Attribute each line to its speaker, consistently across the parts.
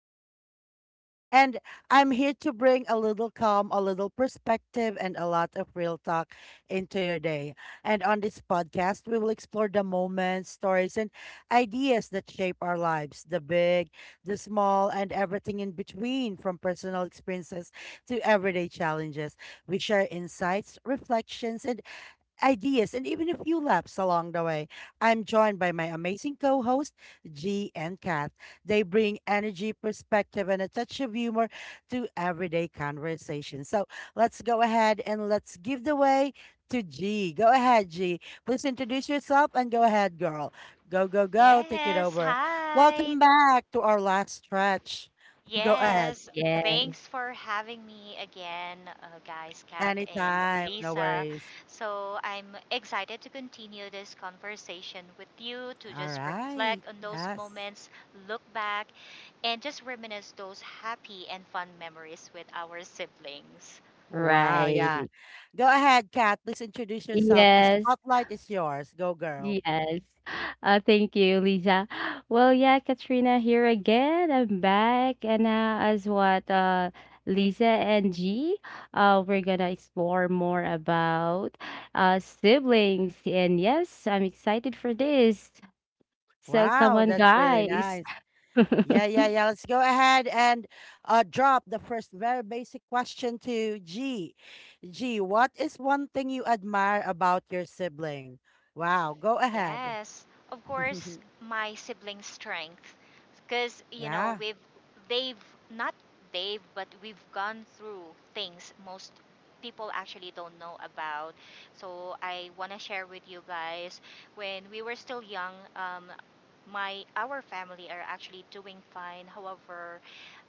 Speaker 1: This topic more. And I'm here to bring a little calm, a little perspective, and a lot of real talk into your day. And on this podcast, we will explore the moments, stories, and ideas that shape our lives, the big, the small, and everything in between, from personal experiences to everyday challenges. We share insights, reflections, and ideas, and even a few laps along the way. I'm joined by my amazing co host, G and Kath. They bring energy, perspective, and a touch of humor to everyday conversation. So let's go ahead and let's give the way to G. Go ahead, G. Please introduce yourself and go ahead, girl. Go, go, go. Take it
Speaker 2: Yes,
Speaker 1: over.
Speaker 2: hi.
Speaker 1: Welcome back to our last stretch. Go ahead.
Speaker 2: Yes,
Speaker 3: Yes,
Speaker 2: thanks for having me again, guys, Kat and
Speaker 1: Anytime. No
Speaker 2: Lisa.
Speaker 1: worries.
Speaker 2: So I'm excited to continue this conversation with you to
Speaker 1: All
Speaker 2: just
Speaker 1: right.
Speaker 2: reflect on those
Speaker 1: Yes.
Speaker 2: moments, look back, and just reminisce those happy and fun memories with our siblings.
Speaker 1: Wow, yeah.
Speaker 3: right.
Speaker 1: Go ahead, Kat. Please introduce yourself. The
Speaker 3: Yes,
Speaker 1: spotlight is yours. Go, girl.
Speaker 3: yes. Thank you, Lisa. Katrina here again. I'm back, and as what Lisa and G, we're gonna explore more about siblings. And yes, I'm excited for this. So come
Speaker 1: Wow,
Speaker 3: on,
Speaker 1: that's really
Speaker 3: guys.
Speaker 1: nice. Yeah, yeah, yeah. Let's go ahead and drop the first very basic question to G. G, what is one thing you admire about your sibling? Wow, go ahead.
Speaker 2: Yes, of course, my siblings' strength, because you know
Speaker 1: Yeah,
Speaker 2: we've they've not they've but we've gone through things most people actually don't know about. So I wanna share with you guys when we were still young. My our family are actually doing fine. However,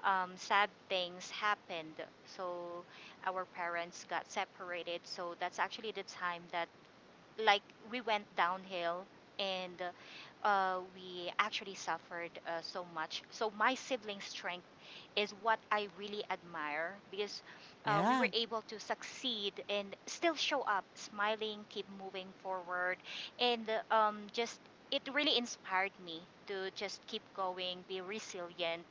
Speaker 2: sad things happened. So our parents got separated. So that's actually the time that, like, we went downhill and we actually suffered so much. So my sibling's strength is what I really admire because we were
Speaker 1: yeah,
Speaker 2: able to succeed and still show up, smiling, keep moving forward, and just it really inspired me to just keep going, be resilient,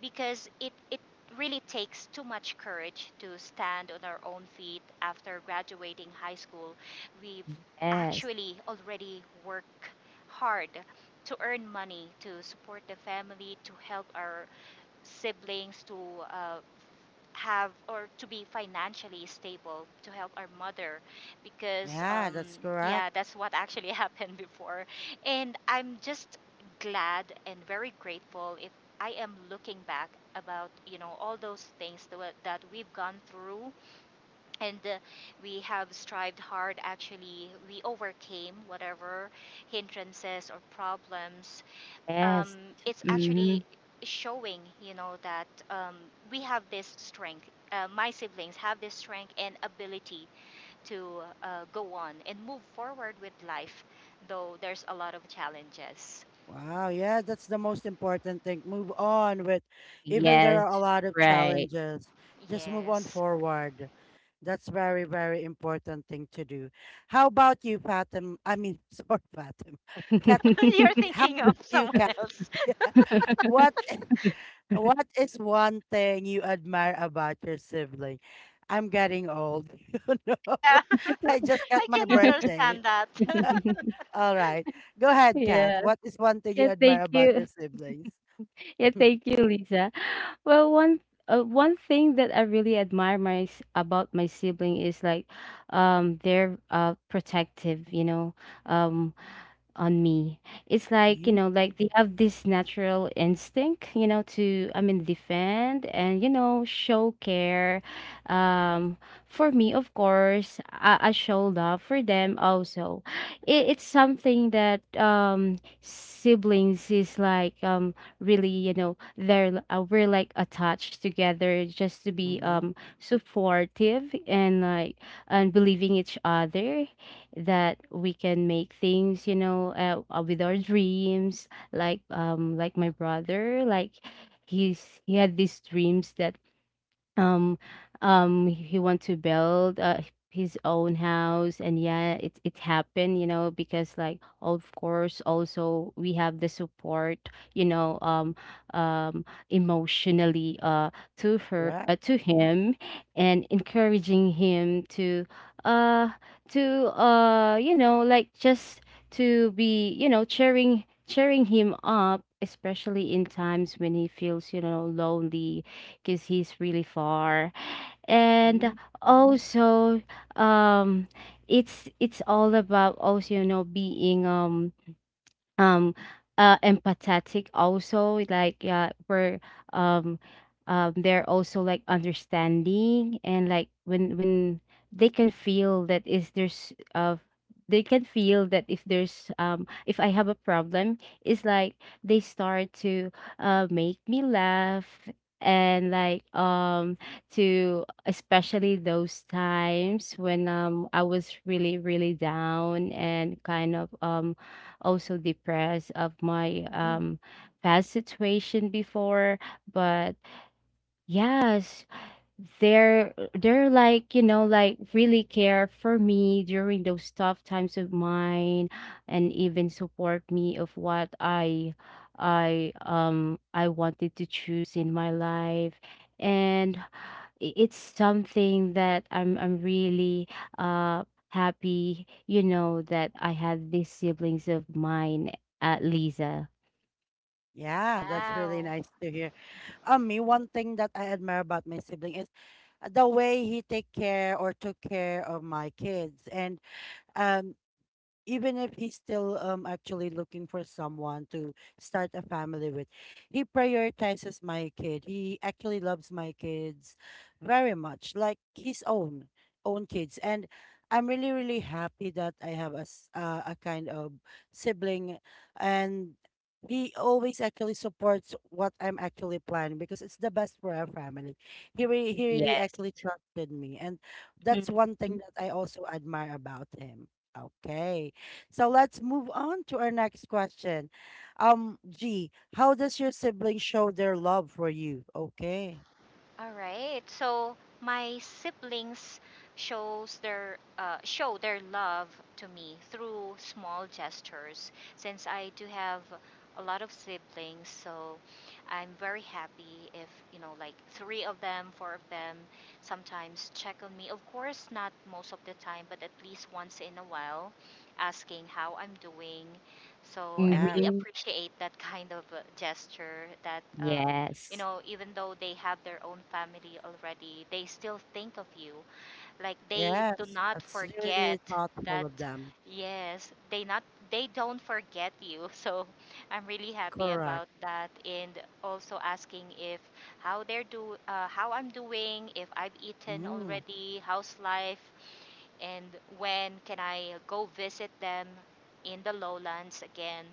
Speaker 2: because it really takes too much courage to stand on our own feet after graduating high school. We've
Speaker 3: Yes,
Speaker 2: actually already work hard to earn money to support the family, to help our siblings to uh, have or to be financially stable, to help our mother because
Speaker 1: yeah, that's correct.
Speaker 2: yeah, that's what actually happened before, and I'm just glad and very grateful if I am looking back about, you know, all those things that, that we've gone through. And we have strived hard. Actually, we overcame whatever hindrances or problems. um,
Speaker 3: yes.
Speaker 2: it's
Speaker 3: hmm
Speaker 2: actually showing, you know, that we have this strength. My siblings have this strength and ability to go on and move forward with life, though there's a lot of challenges.
Speaker 1: Wow, yeah, that's the most important thing. Move on with, even there
Speaker 3: Yes,
Speaker 1: are a lot of
Speaker 3: right.
Speaker 1: challenges, just move on
Speaker 2: Yes,
Speaker 1: forward. That's very, very important thing to do. How about you, Fatim? I mean, sorry, Fatim. Kat,
Speaker 2: you're
Speaker 1: how
Speaker 2: thinking of
Speaker 1: about you,
Speaker 2: someone
Speaker 1: Kat?
Speaker 2: else.
Speaker 1: What, what is one thing you admire about your sibling? I'm getting old, you know.
Speaker 2: Yeah,
Speaker 1: I just got
Speaker 2: I
Speaker 1: my
Speaker 2: can
Speaker 1: birthday.
Speaker 2: understand that.
Speaker 1: All right. Go ahead, Kat.
Speaker 3: Yeah.
Speaker 1: What is one thing you
Speaker 3: Yeah,
Speaker 1: admire
Speaker 3: thank
Speaker 1: about your
Speaker 3: you.
Speaker 1: siblings?
Speaker 3: Yeah, thank you, Lisa. Well, one thing that I really admire about my sibling is like they're protective, you know. Um on me. It's like, you
Speaker 1: Mhm,
Speaker 3: know, like they have this natural instinct, you know, to, I mean, defend and, you know, show care. Um, for me, of course, I show love for them also. It's something that siblings is like really, you know, we're like attached together just to be
Speaker 1: mhm,
Speaker 3: supportive and like, and believing each other that we can make things, you know, with our dreams, like my brother, like he had these dreams that um he want to build his own house, and yeah, it happened, you know, because, like, of course, also we have the support, you know, um emotionally,
Speaker 1: right.
Speaker 3: to him, and encouraging him to uh you know, like, just to be, you know, cheering him up, especially in times when he feels, you know, lonely because he's really far. And
Speaker 1: Mhm.
Speaker 3: also, um it's all about also, you know, being um empathetic also. Like, yeah, we're um they're also like understanding, and like, when they can feel that is there's they can feel that if there's if I have a problem, it's like they start to make me laugh, and like, to especially those times when I was really really down and kind of also depressed of my past situation before. But yes, they're like, you know, like really care for me during those tough times of mine, and even support me of what I wanted to choose in my life. And it's something that I'm really uh happy, you know, that I had these siblings of mine at Lisa.
Speaker 1: Yeah, that's really
Speaker 2: Wow.
Speaker 1: nice to hear. Me, one thing that I admire about my sibling is the way he take care or took care of my kids, and um, even if he's still actually looking for someone to start a family with. He prioritizes my kid. He actually loves my kids very much, like his own kids. And I'm really really happy that I have a kind of sibling. And he always actually supports what I'm actually planning because it's the best for our family. He, really, he really
Speaker 3: Yes.
Speaker 1: actually trusted me, and that's one
Speaker 3: Mm-hmm.
Speaker 1: thing that I also admire about him. Okay, so let's move on to our next question. G, how does your sibling show their love for you? Okay.
Speaker 2: All right. So my siblings show their love to me through small gestures. Since I do have a lot of siblings, so I'm very happy if, you know, like three of them, four of them sometimes check on me. Of course, not most of the time, but at least once in a while, asking how I'm doing. So I
Speaker 1: Yeah.
Speaker 2: really
Speaker 3: Mm-hmm.
Speaker 2: appreciate that kind of gesture that, you
Speaker 3: Yes.
Speaker 2: know, even though they have their own family already, they still think of you. Like they do
Speaker 1: Yes.
Speaker 2: not
Speaker 1: That's
Speaker 2: forget
Speaker 1: really thoughtful
Speaker 2: that.
Speaker 1: of them.
Speaker 2: Yes, they don't forget you. So I'm really happy
Speaker 1: Correct.
Speaker 2: about that, and also asking if how they're do how I'm doing, if I've eaten
Speaker 1: Mm,
Speaker 2: already, how's life, and when can I go visit them in the lowlands again.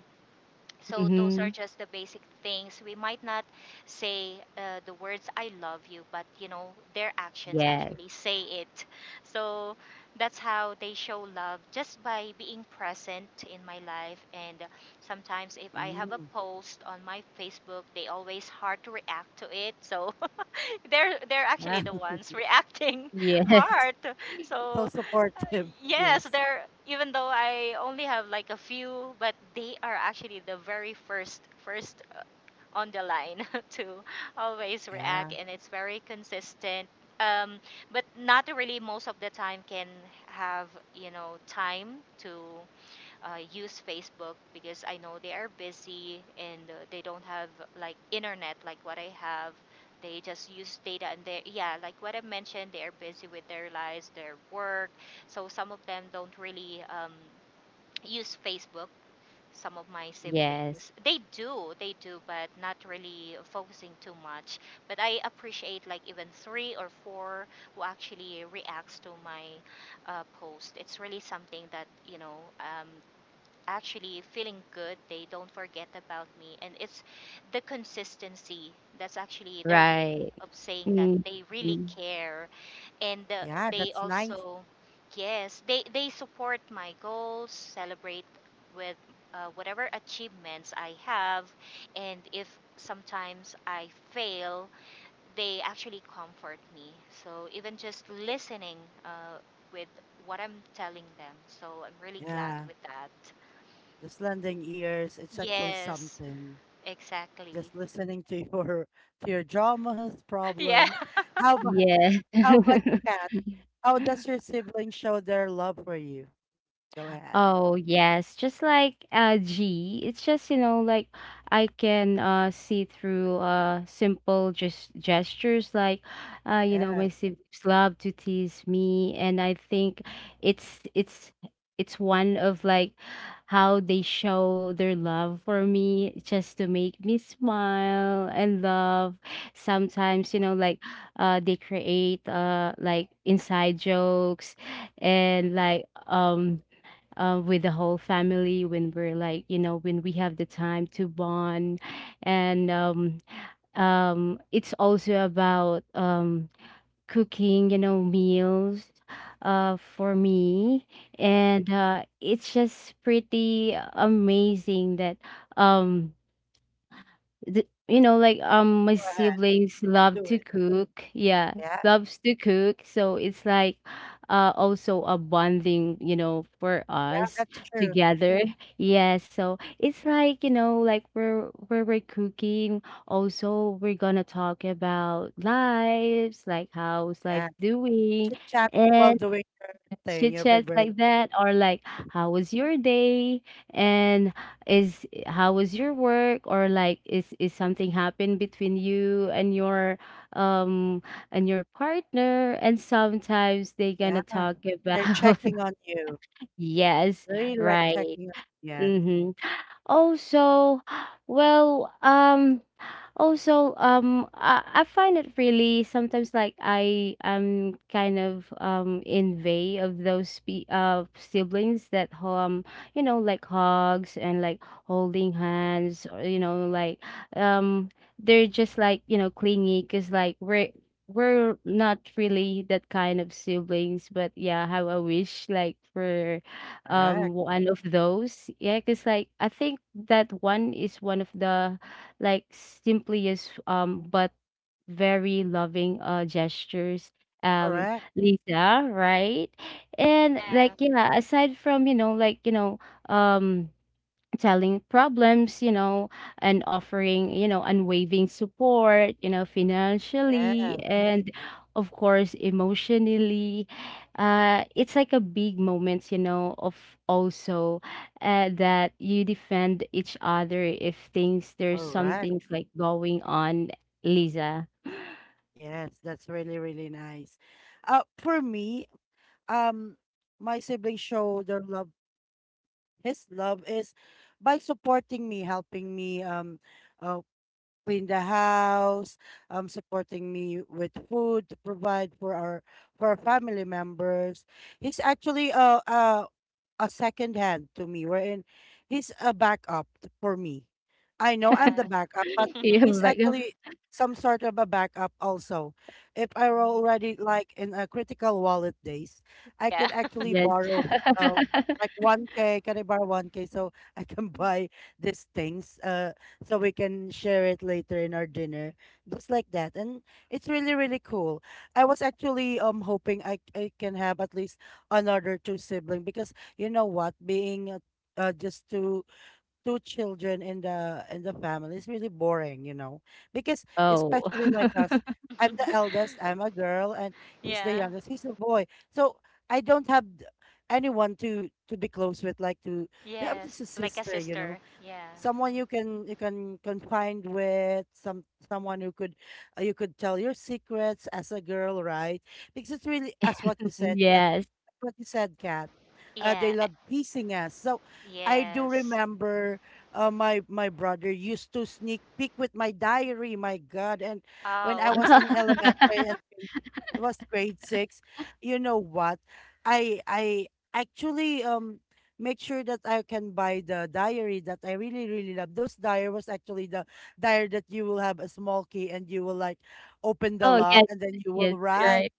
Speaker 2: So those
Speaker 3: Mm-hmm.
Speaker 2: are just the basic things. We might not say, the words "I love you," but you know their actions
Speaker 3: Yes.
Speaker 2: actually say it. So that's how they show love, just by being present in my life. And sometimes, if I have a
Speaker 1: mm.
Speaker 2: post on my Facebook, they always hard to react to it. So they're actually
Speaker 1: Yeah.
Speaker 2: the ones reacting
Speaker 3: Yes.
Speaker 2: hard.
Speaker 1: So
Speaker 2: So
Speaker 1: supportive.
Speaker 2: yes,
Speaker 1: Yes.
Speaker 2: they're, even though I only have like a few, but they are actually the very first on the line to always react,
Speaker 1: Yeah.
Speaker 2: and it's very consistent. Um, but not really most of the time can have, you know, time to use Facebook because I know they are busy, and they don't have like internet like what I have. They just use data, and they, yeah, like what I mentioned, they are busy with their lives, their work. So some of them don't really use Facebook. Some of my
Speaker 3: Yes.
Speaker 2: siblings, they do, but not really focusing too much. But I appreciate like even three or four who actually reacts to my post. It's really something that, you know, actually feeling good. They don't forget about me. And it's the consistency that's actually their way
Speaker 3: Right.
Speaker 2: of saying that
Speaker 3: Mm.
Speaker 2: they really
Speaker 3: Mm.
Speaker 2: care. And
Speaker 1: Yeah.
Speaker 2: they
Speaker 1: That's nice.
Speaker 2: also, yes, they support my goals, celebrate with whatever achievements I have. And if sometimes I fail, they actually comfort me. So even just listening, uh, with what I'm telling them. So I'm really glad
Speaker 1: Yeah.
Speaker 2: with that.
Speaker 1: Just lending ears. It's actually
Speaker 2: Yes,
Speaker 1: something.
Speaker 2: exactly.
Speaker 1: Just listening to your to your dramas,
Speaker 2: Yeah.
Speaker 1: problems. How about
Speaker 3: Yeah.
Speaker 1: how about you, Kat? How does your sibling show their love for you? Go ahead.
Speaker 3: Oh yes, just like G, it's just, you know, like I can see through simple just gestures. Like, you know, my
Speaker 1: Yes,
Speaker 3: siblings love to tease me, and I think it's it's it's one of like how they show their love for me, just to make me smile and love. Sometimes, you know, like they create like inside jokes, and like with the whole family when we're like, you know, when we have the time to bond. And it's also about cooking, you know, meals for me. And it's just pretty amazing that um, you know, like my
Speaker 1: go ahead.
Speaker 3: siblings love
Speaker 1: Do
Speaker 3: to
Speaker 1: it.
Speaker 3: cook. Yeah,
Speaker 1: Yeah,
Speaker 3: loves to cook. So it's like, also a bonding, you know, for
Speaker 1: yeah,
Speaker 3: us
Speaker 1: that's true.
Speaker 3: together. Yeah. So it's like, you know, like we're cooking. Also, we're gonna talk about lives, like how's
Speaker 1: Yeah.
Speaker 3: life doing,
Speaker 1: Chit chat while
Speaker 3: and
Speaker 1: doing your thing,
Speaker 3: chit
Speaker 1: your
Speaker 3: chats
Speaker 1: favorite.
Speaker 3: like that, or like how was your day, and is how was your work, or like is something happened between you um and your partner, and sometimes they
Speaker 1: Yeah.
Speaker 3: gonna talk about.
Speaker 1: They're checking on you.
Speaker 3: Yes,
Speaker 1: Really like
Speaker 3: right.
Speaker 1: checking on. Yes.
Speaker 3: Mm-hmm. Also, well, I find it really sometimes like I am kind of envy of those siblings that you know, like hugs and like holding hands, or you know, like um they're just like, you know, clingy. Because like we're not really that kind of siblings, but yeah, how I wish like we're
Speaker 1: Correct.
Speaker 3: one of those. Yeah, because like I think that one is one of the like simplest but very loving gestures, um
Speaker 1: Correct.
Speaker 3: Lisa, right? And like,
Speaker 2: Yeah.
Speaker 3: yeah, aside from, you know, like, you know, um telling problems, you know, and offering, you know, unwavering support, you know, financially
Speaker 1: Yes.
Speaker 3: and of course emotionally. It's like a big moment, you know, of also that you defend each other if things there's some
Speaker 1: Correct.
Speaker 3: things like going on, Lisa.
Speaker 1: Yes. That's really, really nice. For me, um my siblings show their love, his love is by supporting me, helping me uh clean the house, supporting me with food to provide for our family members. He's actually a second hand to me, wherein he's a backup for me. I know I'm the
Speaker 2: Yeah.
Speaker 1: backup, but
Speaker 3: Yeah,
Speaker 1: he's
Speaker 3: back up.
Speaker 1: actually some sort of a backup also. If I were already like in a critical wallet days, I
Speaker 2: Yeah.
Speaker 1: can actually
Speaker 3: Yes.
Speaker 1: borrow uh, like 1K. Can I borrow 1K so I can buy these things, so we can share it later in our dinner? Just like that. And it's really, really cool. I was actually hoping I can have at least another two sibling, because you know what, being just two children in the family is really boring. Because
Speaker 3: Oh,
Speaker 1: especially like us, I'm the eldest, I'm a girl, and he's the
Speaker 2: Yeah.
Speaker 1: youngest, he's a boy. So I don't have anyone to be close with, like to have
Speaker 2: Yes.
Speaker 1: just a
Speaker 2: Like a
Speaker 1: sister, you
Speaker 2: sister.
Speaker 1: know,
Speaker 2: Yeah.
Speaker 1: someone you can confide with, someone who could, you could tell your secrets as a girl, right? Because it's really as what you said
Speaker 3: yes.
Speaker 1: what you said, Kat. They
Speaker 2: Yeah.
Speaker 1: love teasing us. So I do
Speaker 2: Yes.
Speaker 1: remember, my brother used to sneak peek with my diary. My God! And when I
Speaker 2: Oh.
Speaker 1: was in elementary and it was grade six, you know what? I actually make sure that I can buy the diary that I really really love. Those diary was actually the diary that you will have a small key and you will like open the
Speaker 3: Oh,
Speaker 1: lock
Speaker 3: yes.
Speaker 1: and then you
Speaker 3: Yes,
Speaker 1: will write
Speaker 3: right.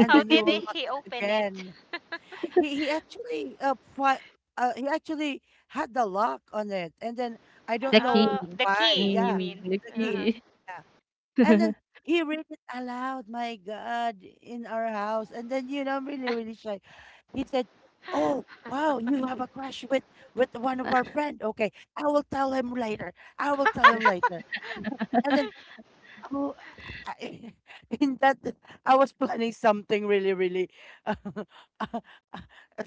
Speaker 1: and
Speaker 2: How
Speaker 1: then you
Speaker 2: did
Speaker 1: will lock
Speaker 2: he
Speaker 1: it
Speaker 2: open it?
Speaker 1: again. He he actually uh, fi- uh he actually had the lock on it, and then I don't
Speaker 3: The
Speaker 1: know
Speaker 2: Oh,
Speaker 3: key.
Speaker 2: the
Speaker 1: why,
Speaker 2: key, you
Speaker 1: yeah,
Speaker 3: Mm,
Speaker 2: mean?
Speaker 3: the
Speaker 1: the key,
Speaker 2: Uh-huh.
Speaker 3: key.
Speaker 1: yeah. And then he read it aloud, my god, in our house. And then I'm really really shy. He said, oh wow, you have a crush with one of our friend. Okay, I will tell him later. I will tell him later. And then oh, I, in that, I was planning something really, really, uh, uh, uh,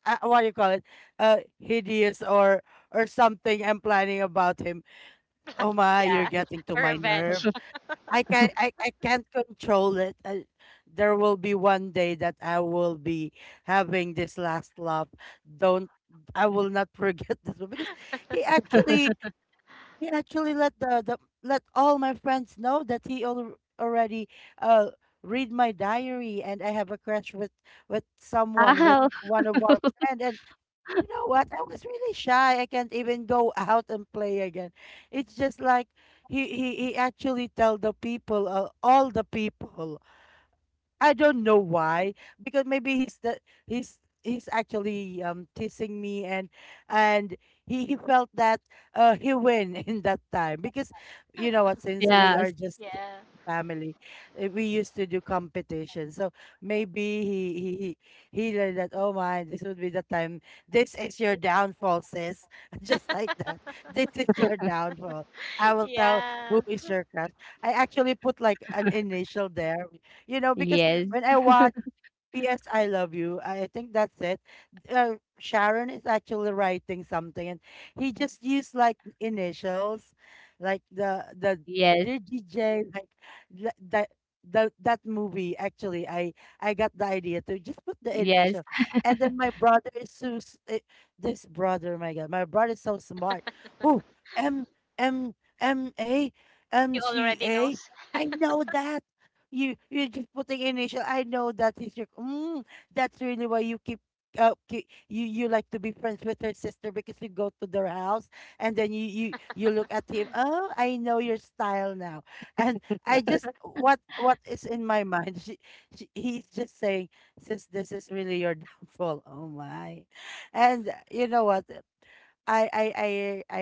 Speaker 1: what do you call it? Hideous, or something. I'm planning about him.
Speaker 2: You're
Speaker 1: Oh
Speaker 2: planning.
Speaker 1: my, you're
Speaker 2: Yeah.
Speaker 1: getting to
Speaker 2: A
Speaker 1: my nerve.
Speaker 2: revenge.
Speaker 1: I can't control it. There will be one day that I will be having this last laugh. Don't I will not forget this one, because he actually he actually let the let all my friends know that he already uh read my diary, and I have a crush with someone, with
Speaker 3: Oh,
Speaker 1: one of our friend. And you know what, I was really shy, I can't even go out and play again. It's just like he actually tell the people, all the people. I don't know why, because maybe he's the he's actually teasing me. And he felt that he win in that time. Because you know what, since we are
Speaker 3: yes.
Speaker 1: just
Speaker 2: Yeah.
Speaker 1: family, we used to do competition. So maybe he learned that, oh my, this would be the time, this is your downfall sis, just like that, this is your downfall. I will tell who
Speaker 2: Yeah.
Speaker 1: is your crush. I actually put like an initial there, because
Speaker 3: Yes,
Speaker 1: when I watch P.S. I Love You, I think that's it. Sharon is actually writing something, and he just used like initials, like the dear DJ, like tha- that that movie. Actually I got the idea to just put the
Speaker 3: yes,
Speaker 1: initial.
Speaker 3: yes,
Speaker 1: And then my brother is this brother, my God, my brother is so smart. Oh, M M M A M
Speaker 2: He
Speaker 1: C
Speaker 2: already
Speaker 1: A.
Speaker 2: knows.
Speaker 1: I know that you're just putting initial. I know that is your. Mm, that's really why you keep. You you like to be friends with her sister because you go to their house, and then you look at him. Oh, I know your style now. And I just what is in my mind. She he's just saying, since this is really your downfall. Oh my, and you know what? I I I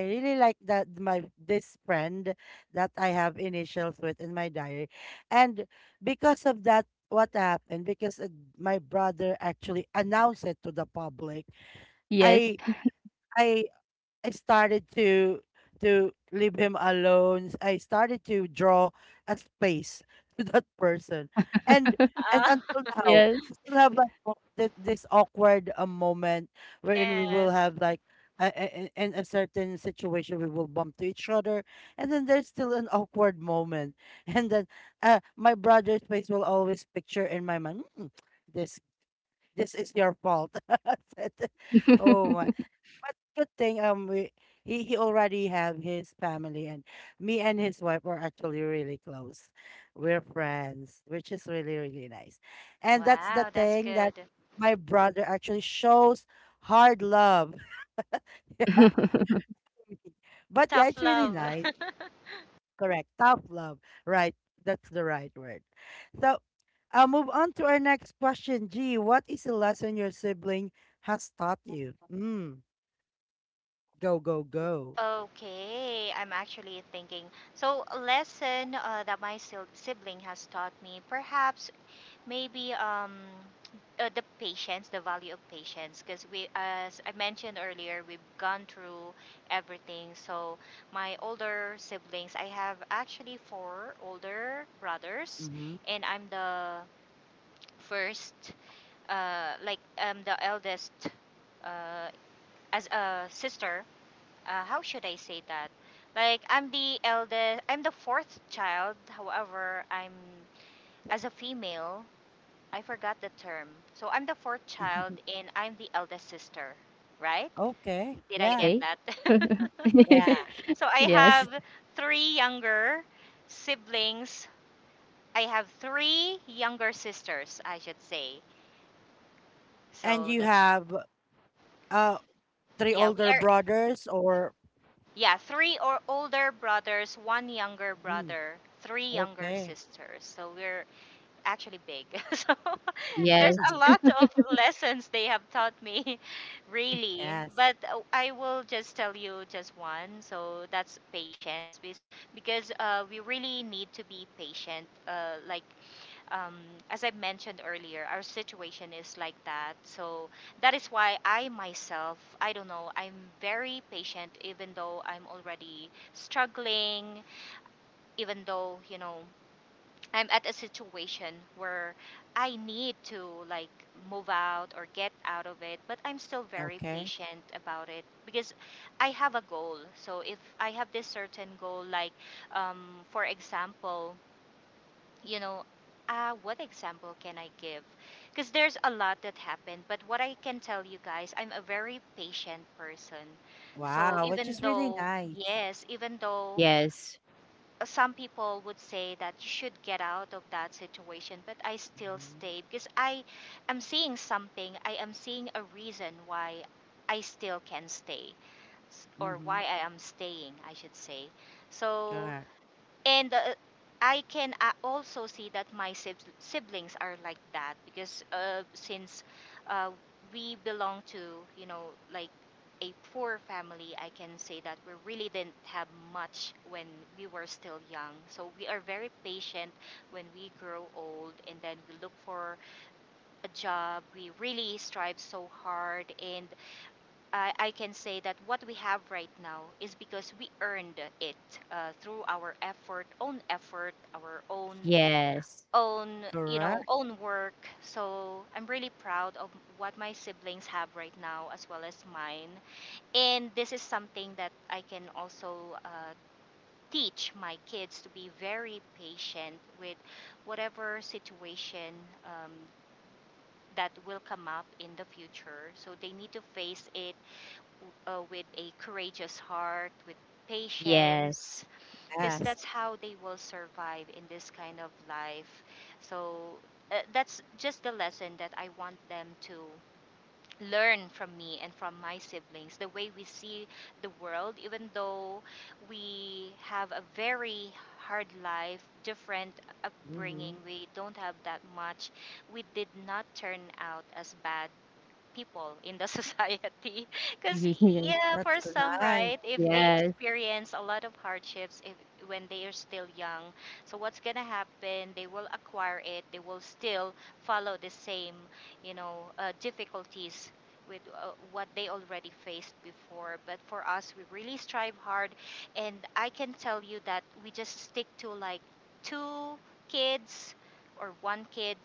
Speaker 1: I really like that my this friend that I have initials with in my diary, and because of that, what happened? Because my brother actually announced it to the public.
Speaker 3: yes,
Speaker 1: I I I started to leave him alone. I started to draw a space to that person, and and
Speaker 2: Ah,
Speaker 1: until now,
Speaker 3: yes.
Speaker 1: we still have like this awkward moment, wherein we will
Speaker 2: yes.
Speaker 1: have like in a certain situation we will bump to each other. And then there's still an awkward moment, and then my brother's face will always picture in my mind. "Mm, this this is your fault." I said, oh my, but good thing, we he already have his family. And me and his wife are actually really close. We're friends, which is really really nice. And that's the
Speaker 2: Wow, that's
Speaker 1: thing that
Speaker 2: good.
Speaker 1: my brother actually shows hard love. Yeah. But yeah,
Speaker 2: Tough
Speaker 1: it's really
Speaker 2: love.
Speaker 1: nice. Correct. Tough love. Right. That's the right word. So I'll move on to our next question. G, what is the lesson your sibling has taught you? Mm. Go, go, go.
Speaker 2: Okay, I'm actually thinking. So, a lesson that my sibling has taught me, perhaps maybe, the patience, the value of patience, because we, as I mentioned earlier, we've gone through everything. So, my older siblings, I have actually four older brothers,
Speaker 1: Mm-hmm.
Speaker 2: and I'm the first, the eldest, uh, as a sister, how should I say that? Like I'm the eldest, I'm the fourth child. However, I'm as a female. I forgot the term. So I'm the fourth child, and I'm the eldest sister. Right?
Speaker 1: Okay.
Speaker 2: Did I
Speaker 1: Yeah.
Speaker 2: get
Speaker 3: Okay.
Speaker 2: that?
Speaker 1: Yeah.
Speaker 2: So I
Speaker 3: Yes,
Speaker 2: have three younger siblings. I have three younger sisters, I should say.
Speaker 1: And
Speaker 2: So
Speaker 1: you
Speaker 2: that's,
Speaker 1: have uh three
Speaker 2: yeah, we
Speaker 1: older
Speaker 2: are,
Speaker 1: brothers, or
Speaker 2: yeah, three or older brothers, one younger
Speaker 1: mm,
Speaker 2: brother, three younger
Speaker 1: okay.
Speaker 2: sisters. So we're actually big. So there's
Speaker 3: yes,
Speaker 2: a lot of lessons they have taught me, really.
Speaker 1: Yes.
Speaker 2: But I will just tell you just one. So that's patience, because we really need to be patient. Um, as I mentioned earlier, our situation is like that. So that is why I myself, I don't know, I'm very patient even though I'm already struggling, even though, you know, I'm at a situation where I need to, like, move out or get out of it, but I'm still very
Speaker 1: Okay.
Speaker 2: patient about it because I have a goal. So if I have this certain goal, like, for example, you know, what example can I give? Because there's a lot that happened, but what I can tell you guys, I'm a very patient person. So
Speaker 1: Wow, which
Speaker 2: even
Speaker 1: is really
Speaker 2: though,
Speaker 1: nice.
Speaker 2: yes, even though,
Speaker 3: yes,
Speaker 2: some people would say that you should get out of that situation, but I still
Speaker 1: Mm-hmm.
Speaker 2: stay because I am seeing something, I am seeing a reason why I still can stay, or why
Speaker 1: Mm-hmm.
Speaker 2: I am staying, I should say. So,
Speaker 1: Correct.
Speaker 2: and I can also see that my siblings are like that because, since uh, we belong to, you know, like, a poor family. I can say that we really didn't have much when we were still young. So we are very patient. When we grow old, and then we look for a job, we really strive so hard. And I can say that what we have right now is because we earned it, through our effort, own effort, our own
Speaker 3: yes,
Speaker 2: you know,
Speaker 1: Correct.
Speaker 2: own work. So I'm really proud of what my siblings have right now as well as mine. And this is something that I can also uh, teach my kids, to be very patient with whatever situation, um, that will come up in the future. So they need to face it, with a courageous heart, with
Speaker 3: yes,
Speaker 2: patience, because
Speaker 1: Yes.
Speaker 2: that's how they will survive in this kind of life. So that's just the lesson that I want them to learn from me and from my siblings, the way we see the world, even though we have a very hard life, different
Speaker 1: Mm-hmm.
Speaker 2: upbringing, we don't have that much. We did not turn out as bad people in the society, because
Speaker 3: yes,
Speaker 2: yeah,
Speaker 1: That's
Speaker 2: for
Speaker 1: so
Speaker 2: some,
Speaker 1: nice.
Speaker 2: right, if they
Speaker 3: yes,
Speaker 2: experience a lot of hardships, if when they are still young, so what's gonna happen, they will acquire it, they will still follow the same, you know, difficulties with, what they already faced before. But for us, we really strive hard, and I can tell you that we just stick to like two kids or one kid,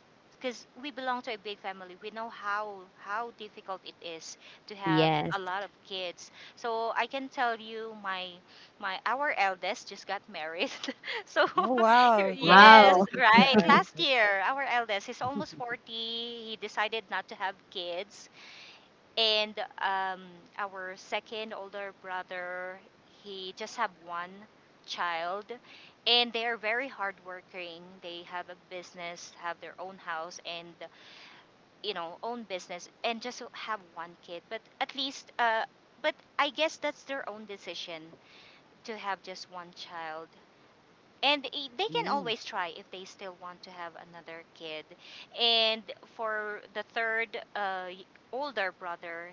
Speaker 2: because we belong to a big family, we know how difficult it is to have
Speaker 3: yes.
Speaker 2: a lot of kids. So I can tell you, my our eldest just got married. So
Speaker 1: Oh wow.
Speaker 2: yes,
Speaker 3: Wow.
Speaker 1: Congratulations to your
Speaker 2: right, last
Speaker 1: eldest.
Speaker 2: year our eldest, he's almost 40, he decided not to have kids. And um, our second older brother, he just have one child, and they're very hardworking, they have a business, have their own house, and you know, own business, and just have one kid. But at least, but I guess that's their own decision, to have just one child, and they can
Speaker 1: mm,
Speaker 2: always try if they still want to have another kid. And for the third, uh y- older brother,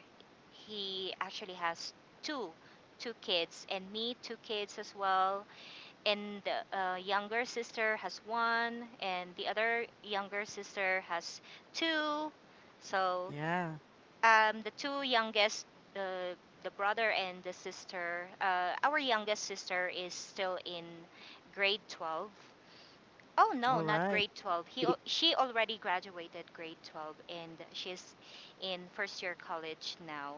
Speaker 2: he actually has two two kids, and me two kids as well. And the, younger sister has one, and the other younger sister has two. So,
Speaker 1: Yeah.
Speaker 2: the two youngest, the the brother and the sister. Our youngest sister is still in grade 12. Oh no,
Speaker 1: All
Speaker 2: not
Speaker 1: right.
Speaker 2: grade 12. He al- she already graduated grade 12, and she's in first year college now.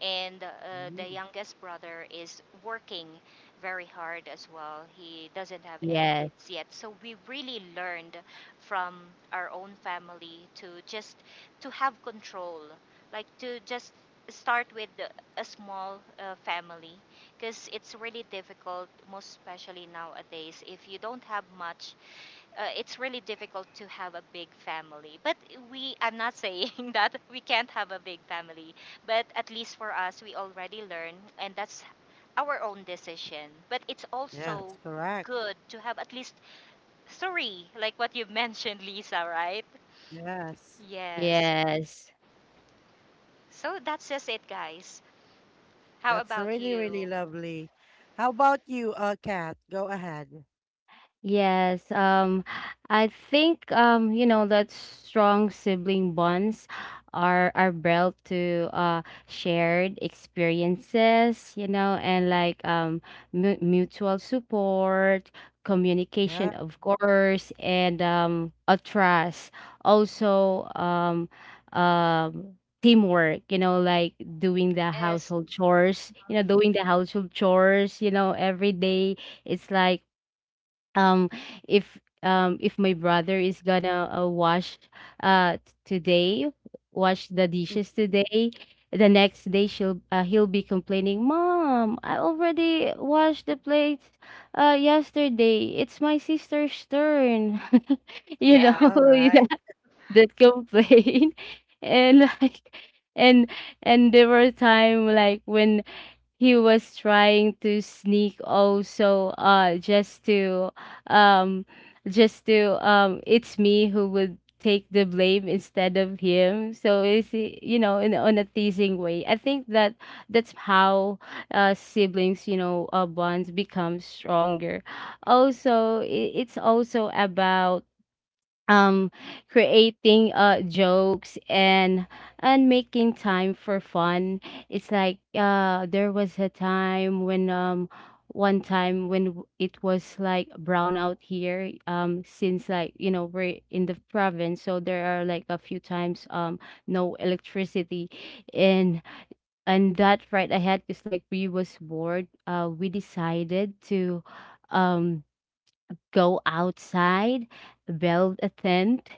Speaker 2: And the
Speaker 1: Mm,
Speaker 2: youngest brother is working very hard as well. He doesn't have any
Speaker 3: Yes,
Speaker 2: kids yet. So we really learned from our own family to just to have control, like to just start with a small family, because it's really difficult most especially nowadays if you don't have much. It's really difficult to have a big family, but we I'm not saying that we can't have a big family, but at least for us we already learn, and that's our own decision, but it's
Speaker 1: yes,
Speaker 2: also
Speaker 1: correct.
Speaker 2: good to have at least three, like what you mentioned, Lisa, right?
Speaker 1: Yes.
Speaker 2: Yes.
Speaker 3: yes.
Speaker 2: So that's just it, guys. How
Speaker 1: That's
Speaker 2: about
Speaker 1: really,
Speaker 2: you?
Speaker 1: really lovely. How about you, Kat? Go ahead.
Speaker 3: Yes, I think you know, that strong sibling bonds are built to shared experiences, you know, and like mu mutual support,
Speaker 1: Yeah.
Speaker 3: communication, of course, and a trust. Also, um, um. Teamwork, you know, like doing the
Speaker 2: Yes.
Speaker 3: household chores you know, doing the household chores you know, every day. It's like um if my brother is gonna wash t- today wash the dishes today, the next day she'll he'll be complaining, mom, I already washed the plates yesterday, it's my sister's turn. You
Speaker 2: Yeah.
Speaker 3: know.
Speaker 1: Yeah. All
Speaker 3: that,
Speaker 1: right.
Speaker 3: that complaint, and like, and and there were time like when he was trying to sneak also just to um it's me who would take the blame instead of him. So it's, you know, in on a teasing way, I think that that's how siblings, you know, bonds become stronger. Also, it's also about um creating jokes and making time for fun. It's like, there was a time when one time when, it was like brown out here, since, like, you know, we're in the province, so there are like a few times no electricity. and and that fright I had is like we was bored. Uh, we decided to um go outside, build a tent,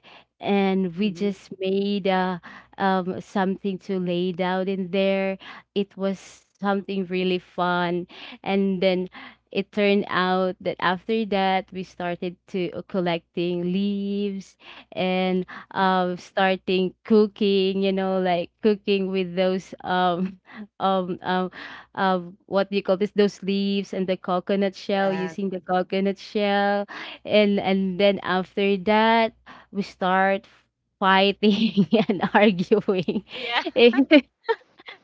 Speaker 3: and we
Speaker 1: Mm-hmm.
Speaker 3: just made something to lay down in there. It was something really fun. And then it turned out that after that, we started to collecting leaves. And starting cooking, you know, like cooking with those um, um, what do you call this? Those leaves and the coconut shell,
Speaker 1: Yeah.
Speaker 3: using the coconut shell. And then after that we start fighting and arguing.
Speaker 2: Yeah,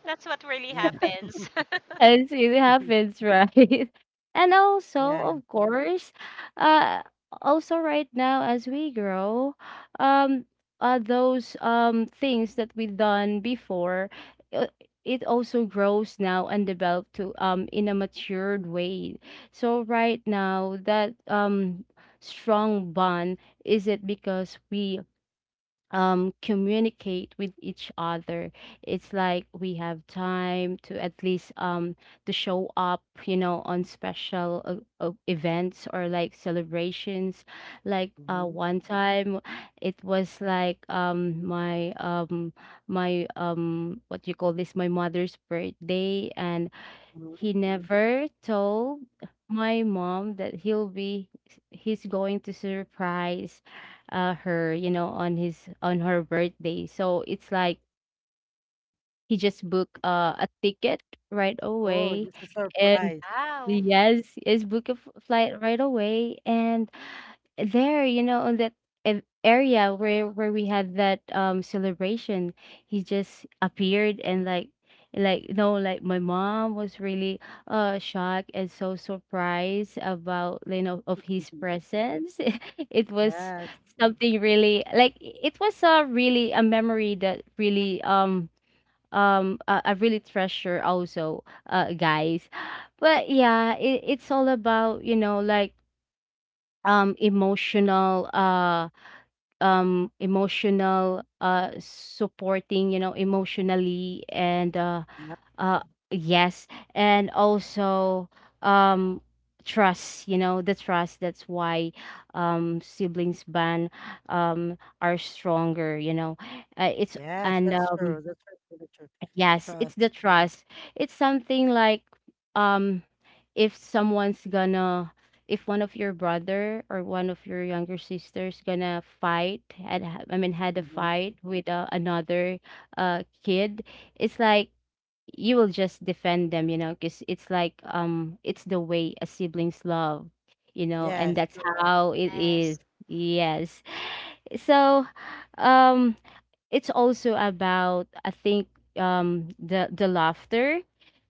Speaker 2: that's what really
Speaker 1: Yeah.
Speaker 2: happens.
Speaker 3: Yes, it happens, right? And also,
Speaker 1: Yeah.
Speaker 3: of course, uh, also right now as we grow, um, those things that we done before, uh, it also grows now and develop to in a matured way. So right now, that strong bond is it because we communicate with each other. It's like we have time to at least to show up, you know, on special events or like celebrations. Like,
Speaker 1: Mm-hmm.
Speaker 3: one time, it was like my my what do you call this, my mother's birthday, and
Speaker 1: Mm-hmm.
Speaker 3: he never told my mom that he's going to surprise her, you know, on his on her birthday. So it's like he just booked a ticket right
Speaker 1: Oh,
Speaker 3: away,
Speaker 1: this is a
Speaker 3: and
Speaker 1: surprise.
Speaker 2: Wow.
Speaker 3: yes, yes, flight right away. And there, you know, on that area where we had that celebration, he just appeared, and like, you know, like my mom was really shocked and so surprised about, you know, of his
Speaker 1: Mhm.
Speaker 3: presence. It was
Speaker 1: Yes.
Speaker 3: something really like it was a really a memory that really I really treasure also, guys. But yeah, it, it's all about, you know, like um emotional uh emotional supporting, you know, emotionally. And
Speaker 1: Yeah. Yep.
Speaker 3: uh yes. And also um trust, you know, the trust. That's why siblings band are stronger, you know. Uh, it's
Speaker 1: Yes,
Speaker 3: and
Speaker 1: that's
Speaker 3: um,
Speaker 1: true. That's really true.
Speaker 3: yes, it's the
Speaker 1: Trust.
Speaker 3: trust. It's something like um if someone's gonna if one of your brother or one of your younger sisters gonna fight I mean had a
Speaker 1: Mm-hmm.
Speaker 3: fight with another kid, it's like you will just defend them, you know, because it's like it's the way a sibling's love, you know, and
Speaker 1: Yes,
Speaker 3: that's
Speaker 1: correct.
Speaker 3: how it is.
Speaker 2: Yes.
Speaker 3: Yes. So, um it's also about I think the laughter,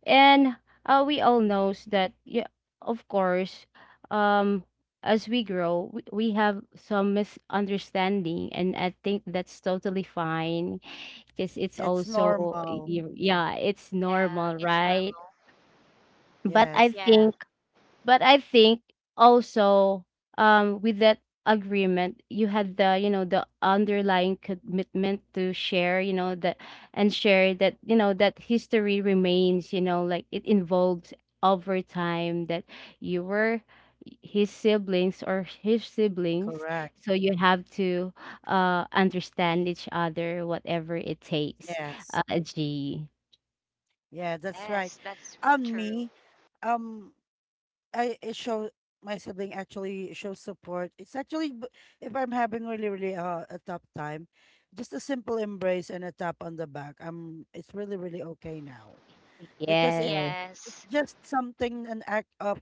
Speaker 3: and we all
Speaker 1: Mhm.
Speaker 3: knows that, yeah, of course, um as we grow, we have some misunderstanding, and I think that's totally fine, because it's
Speaker 1: It's
Speaker 3: also
Speaker 1: normal.
Speaker 3: yeah, it's
Speaker 2: Yeah,
Speaker 3: normal,
Speaker 2: it's
Speaker 3: right?
Speaker 2: normal.
Speaker 3: But I
Speaker 1: Yes,
Speaker 2: Yeah.
Speaker 3: think, but I think also, with that agreement, you had the, you know, the underlying commitment to share, you know, that, and share that, you know, that history remains, you know, like it involves over time that you were his siblings or his siblings.
Speaker 1: correct.
Speaker 3: So you have to understand each other, whatever it takes,
Speaker 1: Yes.
Speaker 3: G.
Speaker 1: Yeah, that's right.
Speaker 2: Yes, that's
Speaker 1: On
Speaker 2: true.
Speaker 1: me, um, I it show my sibling actually shows support. If I'm having really, really a tough time, just a simple embrace and a tap on the back. I'm it's really, really okay now, because
Speaker 3: Yeah.
Speaker 1: it's
Speaker 2: Yes,
Speaker 1: just something, an act of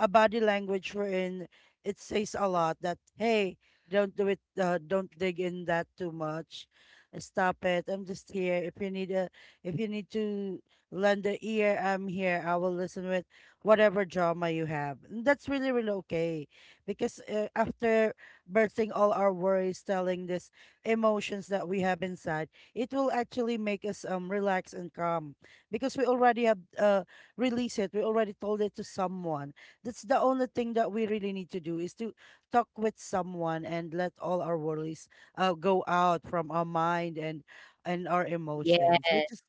Speaker 1: a body language, wherein it says a lot that, hey, don't do it, don't dig in that too much. Stop it. I'm just here if you need a if you need to lend a ear. I'm here. I will listen with whatever drama you have, and that's really, really okay because after bursting all our worries, telling these emotions that we have inside, it will actually make us relax and calm because we already have released it. We already told it to someone. That's the only thing that we really need to do, is to talk with someone and let all our worries go out from our mind and our
Speaker 3: Yeah,
Speaker 1: emotions,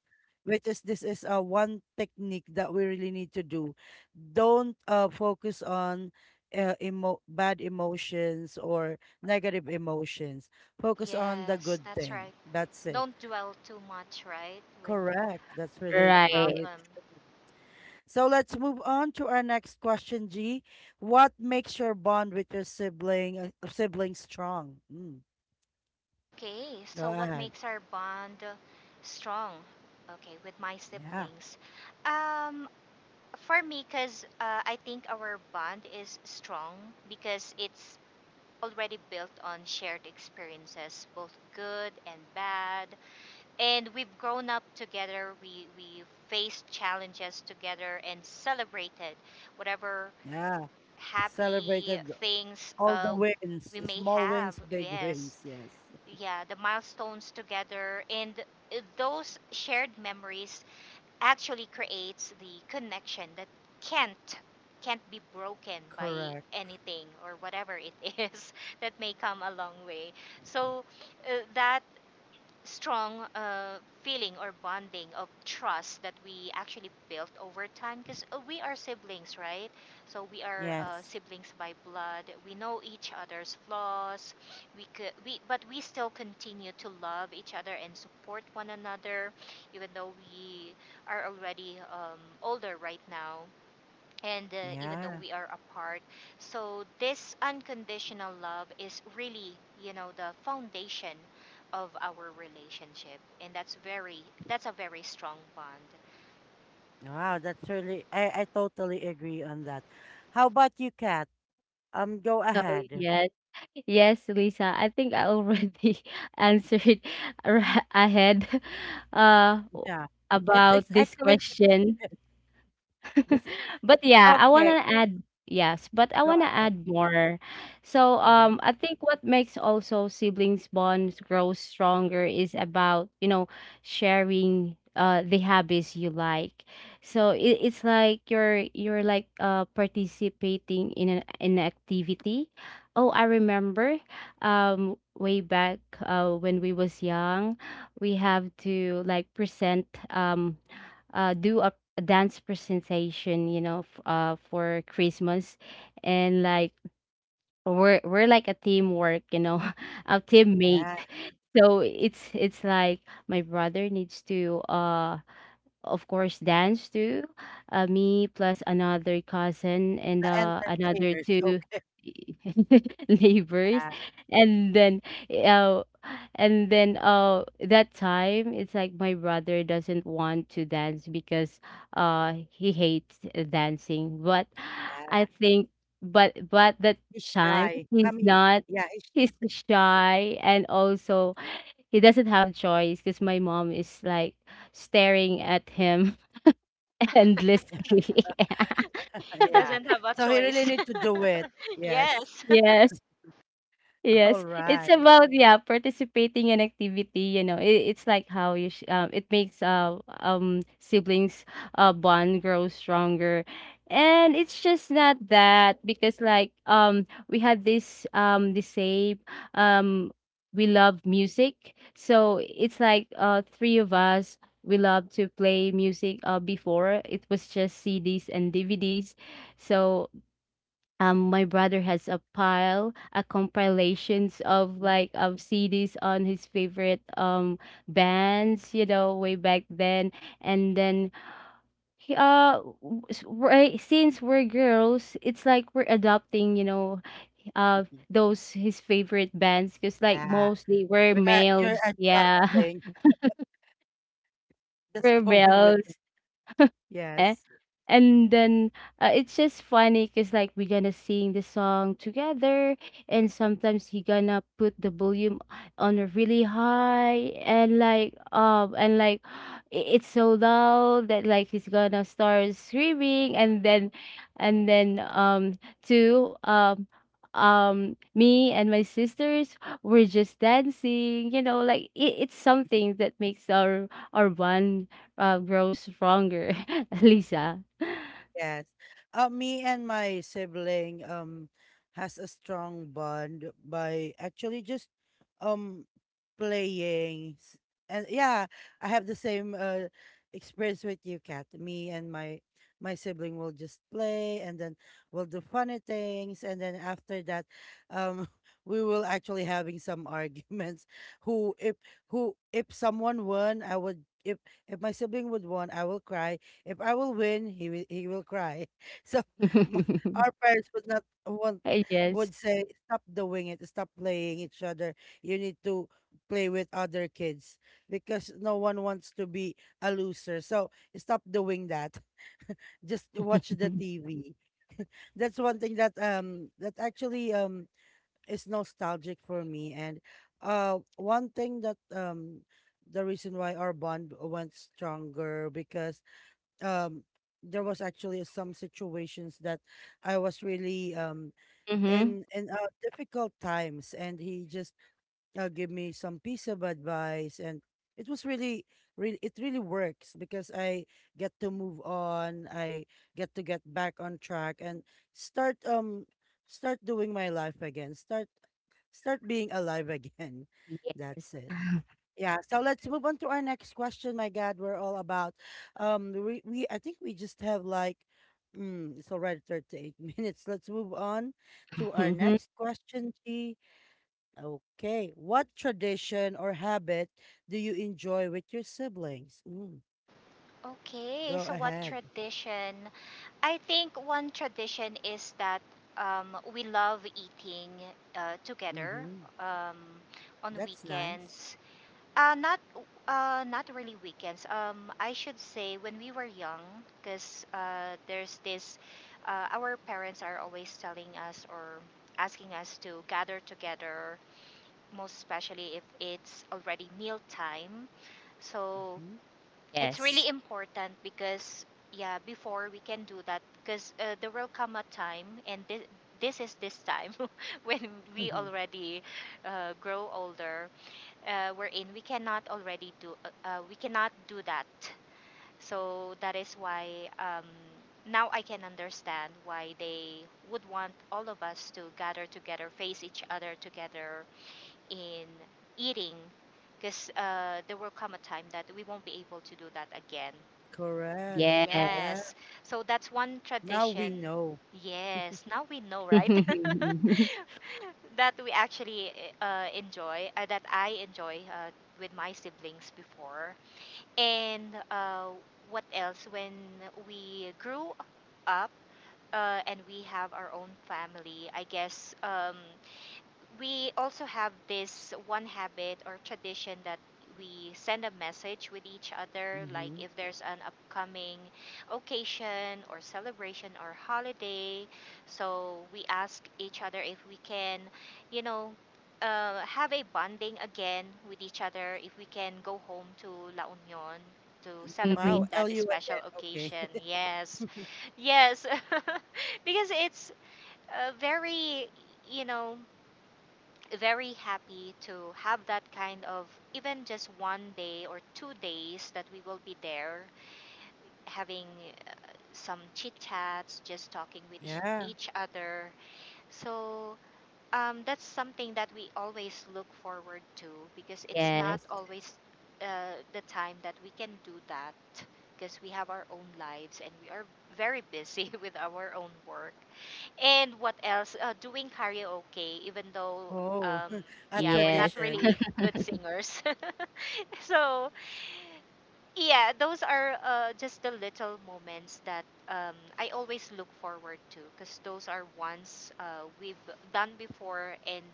Speaker 1: which is this is one technique that we really need to do. Don't focus on bad emotions or negative emotions. Focus on the
Speaker 2: yes,
Speaker 1: good
Speaker 2: that's
Speaker 1: thing.
Speaker 2: right.
Speaker 1: That's it.
Speaker 2: Don't dwell too much, right, with
Speaker 1: Correct. That's really,
Speaker 2: the
Speaker 3: right.
Speaker 1: really.
Speaker 2: problem.
Speaker 1: So let's move on to our next question, G. What makes your bond with your sibling sibling strong?
Speaker 2: Okay,
Speaker 1: Go
Speaker 2: so what
Speaker 1: ahead.
Speaker 2: makes our bond strong? Okay, with my
Speaker 1: Yeah,
Speaker 2: siblings. Um, for me, because I think our bond is strong because it's already built on shared experiences, both good and bad, and we've grown up together. We faced challenges together and celebrated whatever
Speaker 1: yeah.
Speaker 2: happy
Speaker 1: Celebrated
Speaker 2: things
Speaker 1: all the wins,
Speaker 2: we may
Speaker 1: small
Speaker 2: have.
Speaker 1: wins, big
Speaker 2: Yes.
Speaker 1: wins. Yes,
Speaker 2: Yeah, the milestones together, and those shared memories actually creates the connection that can't can't be broken by
Speaker 1: correct.
Speaker 2: anything or whatever it is that may come a long way. So that strong feeling or bonding of trust that we actually built over time, because we are siblings, right? So we are
Speaker 1: Yes.
Speaker 2: siblings by blood. We know each other's flaws, we could we but we still continue to love each other and support one another, even though we are already older right now, and even though
Speaker 1: Yeah.
Speaker 2: we are apart. So this unconditional love is really, the foundation of our relationship, and that's a very strong bond.
Speaker 1: Wow, that's really. I totally agree on that. How about you, Kat? Go
Speaker 3: Oh,
Speaker 1: ahead.
Speaker 3: yes. Yes, Lisa. I think I already answered ahead uh,
Speaker 1: Yeah,
Speaker 3: about
Speaker 1: it's
Speaker 3: this
Speaker 1: actually
Speaker 3: question.
Speaker 1: this.
Speaker 3: But yeah, I
Speaker 1: Okay,
Speaker 3: wanna add yes, but I
Speaker 1: go
Speaker 3: wanna
Speaker 1: ahead.
Speaker 3: add more. So
Speaker 1: All right.
Speaker 3: I think what makes also siblings bonds grow stronger is about, you know, sharing the habits you like. So it's like you're like participating in an activity. Oh, I remember way back when we was young, we have to like present do a dance presentation, you know, for Christmas, and like we're like a teamwork, you know, a teammate.
Speaker 1: Yeah,
Speaker 3: So it's like my brother needs to of course, dance too. Me plus another cousin and
Speaker 1: the
Speaker 3: another
Speaker 1: entertainers.
Speaker 3: two
Speaker 1: Okay.
Speaker 3: neighbors,
Speaker 1: Yeah,
Speaker 3: and then uh, that time it's like my brother doesn't want to dance because he hates dancing. But I
Speaker 1: yeah.
Speaker 3: think, but that
Speaker 1: He's
Speaker 3: time
Speaker 1: shy. I
Speaker 3: he's
Speaker 1: mean,
Speaker 3: not.
Speaker 1: yeah, he's,
Speaker 3: He's shy and also he doesn't have choice because my mom is like staring at him endlessly.
Speaker 2: It
Speaker 1: yeah.
Speaker 2: doesn't have a
Speaker 1: So he really
Speaker 2: choice.
Speaker 1: need to do it. Yes.
Speaker 2: Yes.
Speaker 3: Yes.
Speaker 1: All
Speaker 3: Yes, it's
Speaker 1: right.
Speaker 3: about yeah participating in activity. You know, it's like how you it makes siblings bond grow stronger, and it's just not that because like we had this the same um we love music, so it's like three of us we love to play music before it was just CDs and DVDs, so my brother has a pile, a compilations of like CDs on his favorite bands, you know, way back then. And then right since we're girls, it's like we're adopting, you know, uh those his favorite bands because like
Speaker 1: Yeah.
Speaker 3: mostly we're
Speaker 1: We are, you're
Speaker 3: males. Yeah.
Speaker 1: adjusting. Just
Speaker 3: We're
Speaker 1: going with it.
Speaker 3: males. Eh,
Speaker 1: Yes.
Speaker 3: and then it's just funny because like we're gonna sing the song together and sometimes he gonna put the volume on a really high and like it's so loud that like he's gonna start screaming and then to me and my sisters were just dancing, you know, like it's something that makes our bond grows stronger, Lisa.
Speaker 1: Yes. Me and my sibling has a strong bond by actually just um playing s- and yeah, I have the same experience with you, Kat. Me and my sibling will just play and then we'll do funny things, and then after that, um we will actually having some arguments. who if who if someone won, I would if my sibling would won, I will cry. If I will win, he will cry. So my, our parents would not want, would
Speaker 3: Yes.
Speaker 1: say, stop doing it, stop playing each other. You need to play with other kids because no one wants to be a loser, so stop doing that. Just watch the TV. That's one thing that that actually is nostalgic for me. And one thing that, the reason why our bond went stronger, because um there was actually some situations that I was really
Speaker 3: Mm-hmm.
Speaker 1: in difficult times, and he just give me some piece of advice, and it was really, really, it really works because I get to move on, I get to get back on track and start start doing my life again, start being alive again. That's
Speaker 3: Yes.
Speaker 1: it. Yeah, so let's move on to our next question, my God. We're all about we I think we just have like, it's already 38 minutes. Let's move on to our
Speaker 3: Mhm.
Speaker 1: next question, G. Okay. What tradition or habit do you enjoy with your siblings?
Speaker 2: Okay,
Speaker 1: Go
Speaker 2: so what
Speaker 1: ahead.
Speaker 2: tradition? I think one tradition is that we love eating together,
Speaker 1: Mm-hmm.
Speaker 2: um, on
Speaker 1: That's nice.
Speaker 2: weekends. Not not really weekends. I should say when we were young, because there's this. Our parents are always telling us or asking us to gather together, most especially if it's already meal time. So
Speaker 1: Mm-hmm.
Speaker 2: it's really
Speaker 3: Yes.
Speaker 2: important because, yeah, before we can do that, because there will come a time, and this is this time when we already grow older, we cannot already do, we cannot do that. So that is why, um, now I can understand why they would want all of us to gather together, face each other together in eating, because there will come a time that we won't be able to do that again.
Speaker 1: Correct.
Speaker 3: Yes.
Speaker 1: Yeah.
Speaker 2: Yes. So that's one
Speaker 1: Now we
Speaker 2: tradition.
Speaker 1: know.
Speaker 2: Yes. Now we know, right? that we actually that I enjoy with my siblings before. And what else? When we grew up, and we have our own family, I guess. We also have this one habit or tradition that we send a message with each other, like
Speaker 1: Mm-hmm.
Speaker 2: if there's an upcoming occasion or celebration or holiday, so we ask each other if we can, you know have a bonding again with each other, if we can go home to La Union to celebrate
Speaker 1: Wow.
Speaker 3: Mhm.
Speaker 2: that
Speaker 1: LU
Speaker 2: special
Speaker 1: again. Okay.
Speaker 2: occasion. Yes. Yes. Because it's very, you know very happy to have that kind of, even just one day or 2 days that we will be there having some chit chats, just talking with each
Speaker 1: Yeah.
Speaker 2: each other. So that's something that we always look forward to, because it's not
Speaker 3: Yes.
Speaker 2: always uh, the time that we can do that, because we have our own lives, and we are very busy with our own work. And what else? Doing karaoke, even though,
Speaker 1: Oh,
Speaker 2: um,
Speaker 1: a
Speaker 2: yeah, we're
Speaker 3: Yes.
Speaker 2: not
Speaker 1: tradition.
Speaker 2: really good singers. So, yeah, those are just the little moments that I always look forward to, because those are ones we've done before, and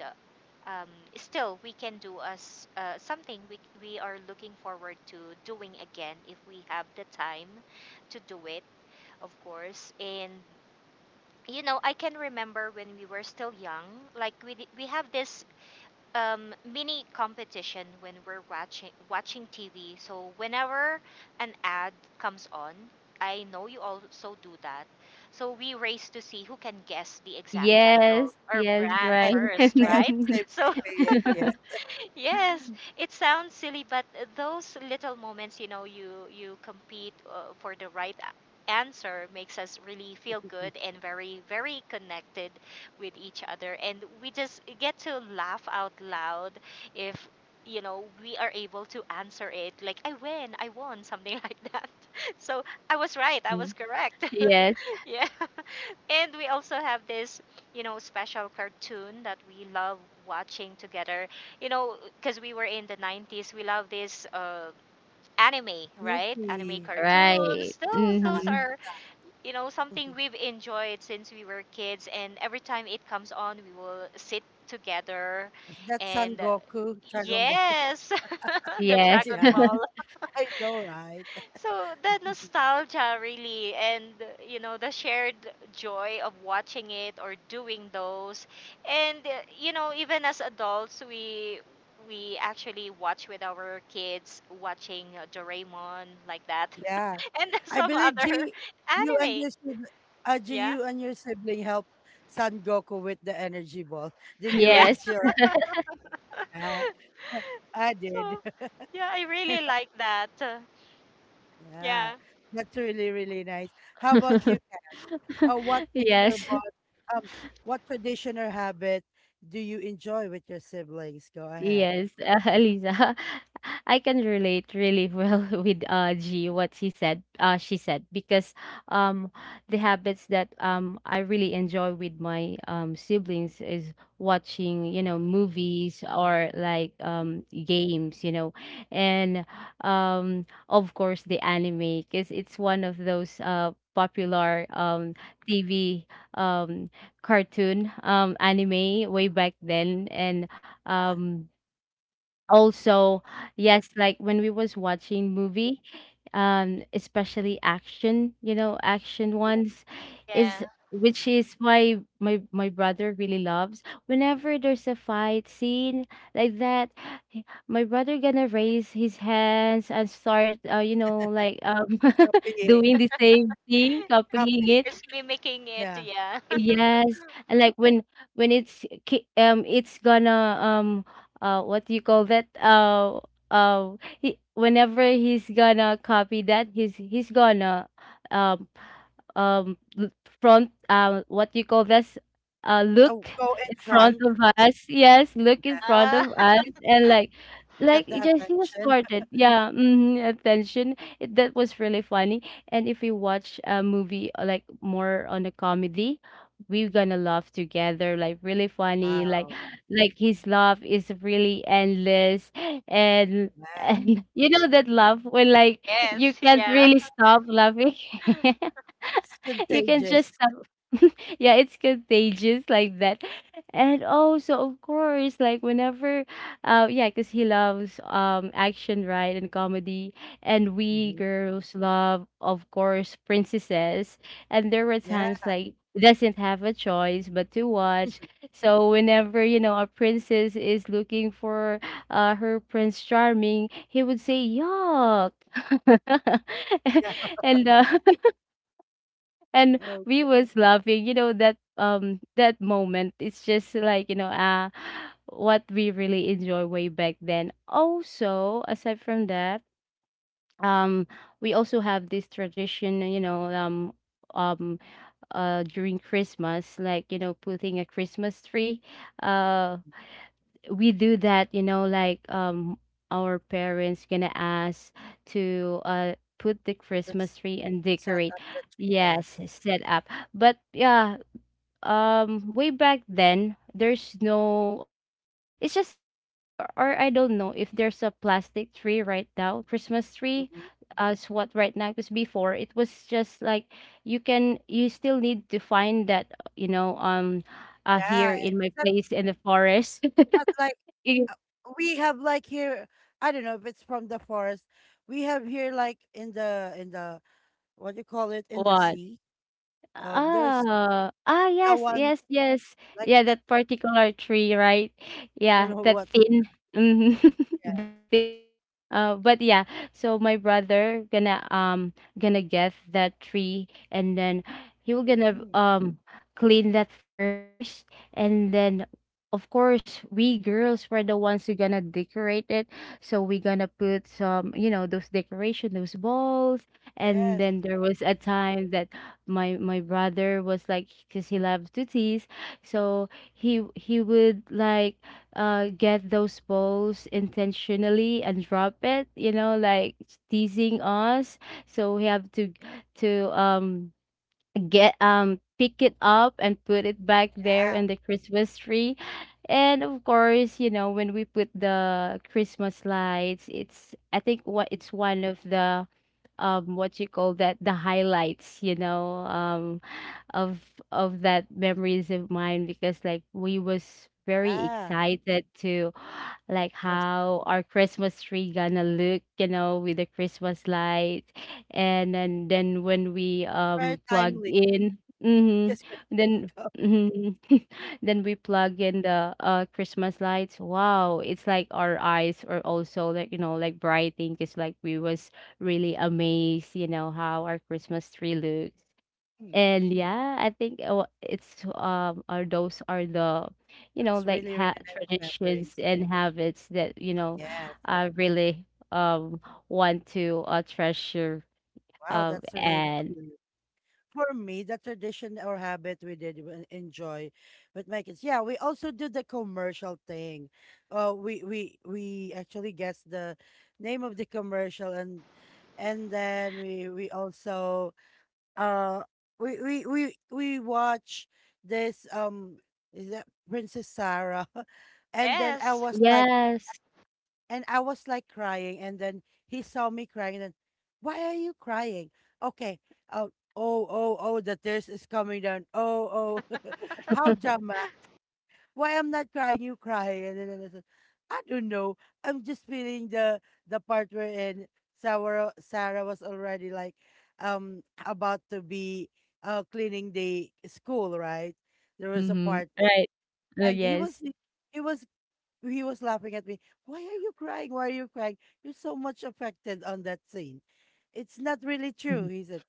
Speaker 2: um, still we can do as something we are looking forward to doing again, if we have the time to do it, of course. And, I can remember when we were still young, like we have this mini competition when we're watching TV. So whenever an ad comes on, I know you also do that. So we race to see who can guess the exact title
Speaker 3: Yes.
Speaker 2: or
Speaker 3: Yes.
Speaker 2: brand
Speaker 3: Right.
Speaker 1: Okay.
Speaker 2: first,
Speaker 1: I have
Speaker 2: right?
Speaker 1: the same
Speaker 2: So
Speaker 1: experience. Yeah.
Speaker 2: Yes, it sounds silly, but those little moments, you compete for the right answer makes us really feel good and very, very connected with each other, and we just get to laugh out loud if, we are able to answer it, like I win, I won, something like that. So I was right, I was correct.
Speaker 3: Yes.
Speaker 2: Yeah. And we also have this, special cartoon that we love watching together. Because we were in the 90s, we love this anime, right? Anime
Speaker 1: Snoopy.
Speaker 3: Right.
Speaker 2: cartoons. Those
Speaker 3: Hmm.
Speaker 2: are, something we've enjoyed since we were kids. And every time it comes on, we will sit together
Speaker 1: Is that Son
Speaker 2: and,
Speaker 1: Goku? Dragon Ball.
Speaker 2: yes, the
Speaker 3: Yes.
Speaker 2: Dragon
Speaker 1: Yeah.
Speaker 2: Ball.
Speaker 1: I know, right?
Speaker 2: So the nostalgia, really, and the shared joy of watching it or doing those. And even as adults, we actually watch with our kids watching Doraemon, like that,
Speaker 1: Yeah.
Speaker 2: and
Speaker 1: I
Speaker 2: some
Speaker 1: believe
Speaker 2: other
Speaker 1: G, you and
Speaker 2: anime.
Speaker 1: your sibling, G,
Speaker 2: Yeah.
Speaker 1: you and your sibling helped Son Goku with the energy ball. Did you
Speaker 2: Yeah.
Speaker 3: Yes.
Speaker 1: raise your? Uh, I did.
Speaker 2: So yeah, I really like that.
Speaker 1: Yeah,
Speaker 2: Yeah.
Speaker 1: that's really, really nice. How about you, Kat? What makes your
Speaker 3: Yes.
Speaker 1: bond? Um, what tradition or habit do you enjoy with your siblings? Go ahead.
Speaker 3: Yes, Aliza, I can relate really well with G what he said, she said because um the habits that I really enjoy with my siblings is watching, you know, movies or like games, you know. And of course the anime because it's one of those popular TV um cartoon anime way back then and um also yes like when we was watching movie especially action, you know, action ones is
Speaker 2: Yeah.
Speaker 3: which is why my brother really loves whenever there's a fight scene like that my brother gonna raise his hands and start you know like
Speaker 1: Copying,
Speaker 3: doing the same thing copying
Speaker 1: copying.
Speaker 3: it.
Speaker 2: It's mimicking it,
Speaker 1: Yeah.
Speaker 2: yeah.
Speaker 3: Yes, and like when it's it's gonna what do you call that uh he, whenever he's gonna copy that he's gonna um um l- front what you call this
Speaker 1: Oh,
Speaker 3: look
Speaker 1: go in
Speaker 3: in front
Speaker 1: front.
Speaker 3: of us, yes, look in
Speaker 1: Yeah.
Speaker 3: front of
Speaker 2: Ah.
Speaker 3: us and
Speaker 1: Get
Speaker 3: like
Speaker 1: the
Speaker 3: it just he was
Speaker 1: attention.
Speaker 3: started yeah mhm, attention it, that was really funny. And if we watch a movie like more on a comedy we're gonna laugh together like really funny
Speaker 1: Wow.
Speaker 3: like his laugh is really endless. and
Speaker 1: Yeah.
Speaker 3: and you know that laugh when like you
Speaker 2: Yes.
Speaker 3: can't
Speaker 2: Yeah.
Speaker 3: really stop laughing.
Speaker 1: It's
Speaker 3: You can
Speaker 1: contagious.
Speaker 3: just yeah it's contagious like that. And also of course like whenever yeah because he loves action, right, and comedy and we
Speaker 1: Mm-hmm.
Speaker 3: girls love of course princesses and there were
Speaker 1: Yeah,
Speaker 3: times like doesn't have a choice but to watch. So whenever you know a princess is looking for her prince charming he would say yuck.
Speaker 1: Yeah.
Speaker 3: And and we
Speaker 1: okay.
Speaker 3: was laughing, you know, that that moment it's just like, you know, what we really enjoy way back then. Also aside from that um we also have this tradition, you know, um during Christmas like, you know, putting a Christmas tree. uh we do that, you know, like our parents gonna ask to put the Christmas
Speaker 1: That's
Speaker 3: tree and
Speaker 1: Set
Speaker 3: decorate.
Speaker 1: up the tree. Yes.
Speaker 3: Yes set up but yeah way back then there's no it's just a few or I don't know if there's a plastic tree right now, Christmas tree
Speaker 1: Hmm.
Speaker 3: as what right now because before it was just like you can you still need to find that, you know, here
Speaker 1: Yeah,
Speaker 3: in my
Speaker 1: it's not,
Speaker 3: place in the forest.
Speaker 1: not like uh, we have like here. I don't know if it's from the forest. We have here, like in the what do you call it, in the
Speaker 3: What?
Speaker 1: sea. There's
Speaker 3: Ah, ah,
Speaker 1: the
Speaker 3: yes,
Speaker 1: one
Speaker 3: yes, yes.
Speaker 1: like,
Speaker 3: Yeah, that particular tree, right?
Speaker 1: I don't
Speaker 3: Yeah,
Speaker 1: know
Speaker 3: that
Speaker 1: what.
Speaker 3: thin, mhm, that thing. But yeah, so my brother gonna gonna get that tree, and then he will gonna
Speaker 1: Yeah.
Speaker 3: clean that first, and then of course we girls were the ones who gonna decorate it. So we gonna put some, you know, those decoration, those balls, and
Speaker 1: Yes.
Speaker 3: then there was a time that my brother was like because he loves to tease. So he would like get those balls intentionally and drop it, you know, like teasing us. So we have to to um get pick it up and put it back there
Speaker 1: Ah.
Speaker 3: in the Christmas tree. And of course, you know, when we put the Christmas lights it's I think what it's one of the what you call that the highlights, you know, of of that memories of mine because like we was very
Speaker 1: Ah.
Speaker 3: excited to like
Speaker 1: No, it's
Speaker 3: how our Christmas tree gonna look, you know, with the Christmas light. And then when we
Speaker 1: very
Speaker 3: plug
Speaker 1: timely
Speaker 3: in mm-hmm,
Speaker 1: because it's
Speaker 3: then mhm, then we plug in the Christmas lights wow it's like our eyes are also like, you know, like brightening because like we was really amazed, you know, how our Christmas tree looks. And yeah, I think it's are those are the, you know, like
Speaker 1: really, really
Speaker 3: ha
Speaker 1: nice
Speaker 3: traditions
Speaker 1: memories.
Speaker 3: and habits that, you know,
Speaker 1: Yes.
Speaker 3: I really want to treasure
Speaker 1: Wow, that's really
Speaker 3: and
Speaker 1: lovely. For me, the tradition or habit we enjoy with my kids. Yeah, we also do the commercial thing. We actually guess the name of the commercial, and then we also uh we watch this, is that Princess Sarah, and then I
Speaker 2: Yes.
Speaker 1: was like,
Speaker 3: yes.
Speaker 1: and I was like crying, and then he saw me crying, and then, why are you crying? Okay, oh, oh, the tears is coming down. Oh, oh, how drama? Why I'm not crying? You cry. And then I said, I don't know. I'm just feeling the part wherein Sarah, Sarah was already like, about to be cleaning the school, right? There was a
Speaker 3: Mm-hmm.
Speaker 1: part there,
Speaker 3: Right. Oh
Speaker 1: and
Speaker 3: yes.
Speaker 1: he was he was laughing at me. Why are you crying? Why are you crying? You're so much affected on that scene. It's not really true,
Speaker 3: Mhm.
Speaker 1: he said.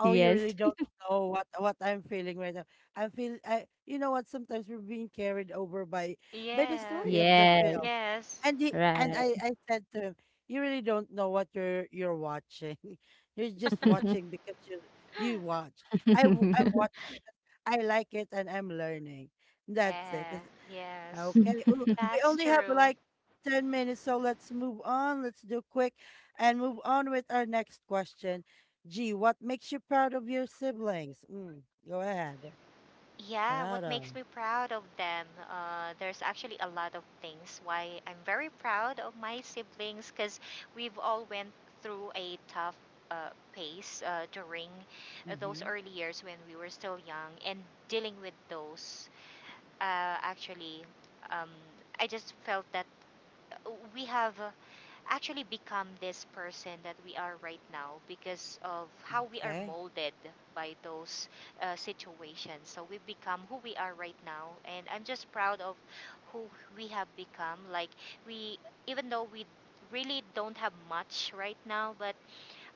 Speaker 1: Oh, you
Speaker 3: Yes.
Speaker 1: really don't know what I'm feeling right now. I feel I You know what, sometimes we're being carried over by the
Speaker 2: Yeah.
Speaker 1: story of the
Speaker 3: Yes.
Speaker 1: film.
Speaker 2: Yes.
Speaker 1: And he and
Speaker 3: Right.
Speaker 1: I said to him, you really don't know what you're watching. You're just watching because you watch. I'm watching because I like it, and I'm learning. That's it.
Speaker 2: Yeah. Yes.
Speaker 1: Okay. Ooh, we
Speaker 2: That's
Speaker 1: only have
Speaker 2: true.
Speaker 1: like 10 minutes, so let's move on. Let's do quick and move on with our next question. G, what makes you proud of your siblings? Go ahead.
Speaker 2: Yeah,
Speaker 1: Proud
Speaker 2: what
Speaker 1: of.
Speaker 2: makes me proud of them? There's actually a lot of things why I'm very proud of my siblings, because we've all went through a tough pace during those
Speaker 1: Mm-hmm.
Speaker 2: early years when we were still young, and dealing with those, actually, um, I just felt that uh, we have actually become this person that we are right now because of how we are
Speaker 1: Okay.
Speaker 2: molded by those situations. So we become who we are right now, and I'm just proud of who we have become. Like, we, even though we really don't have much right now, but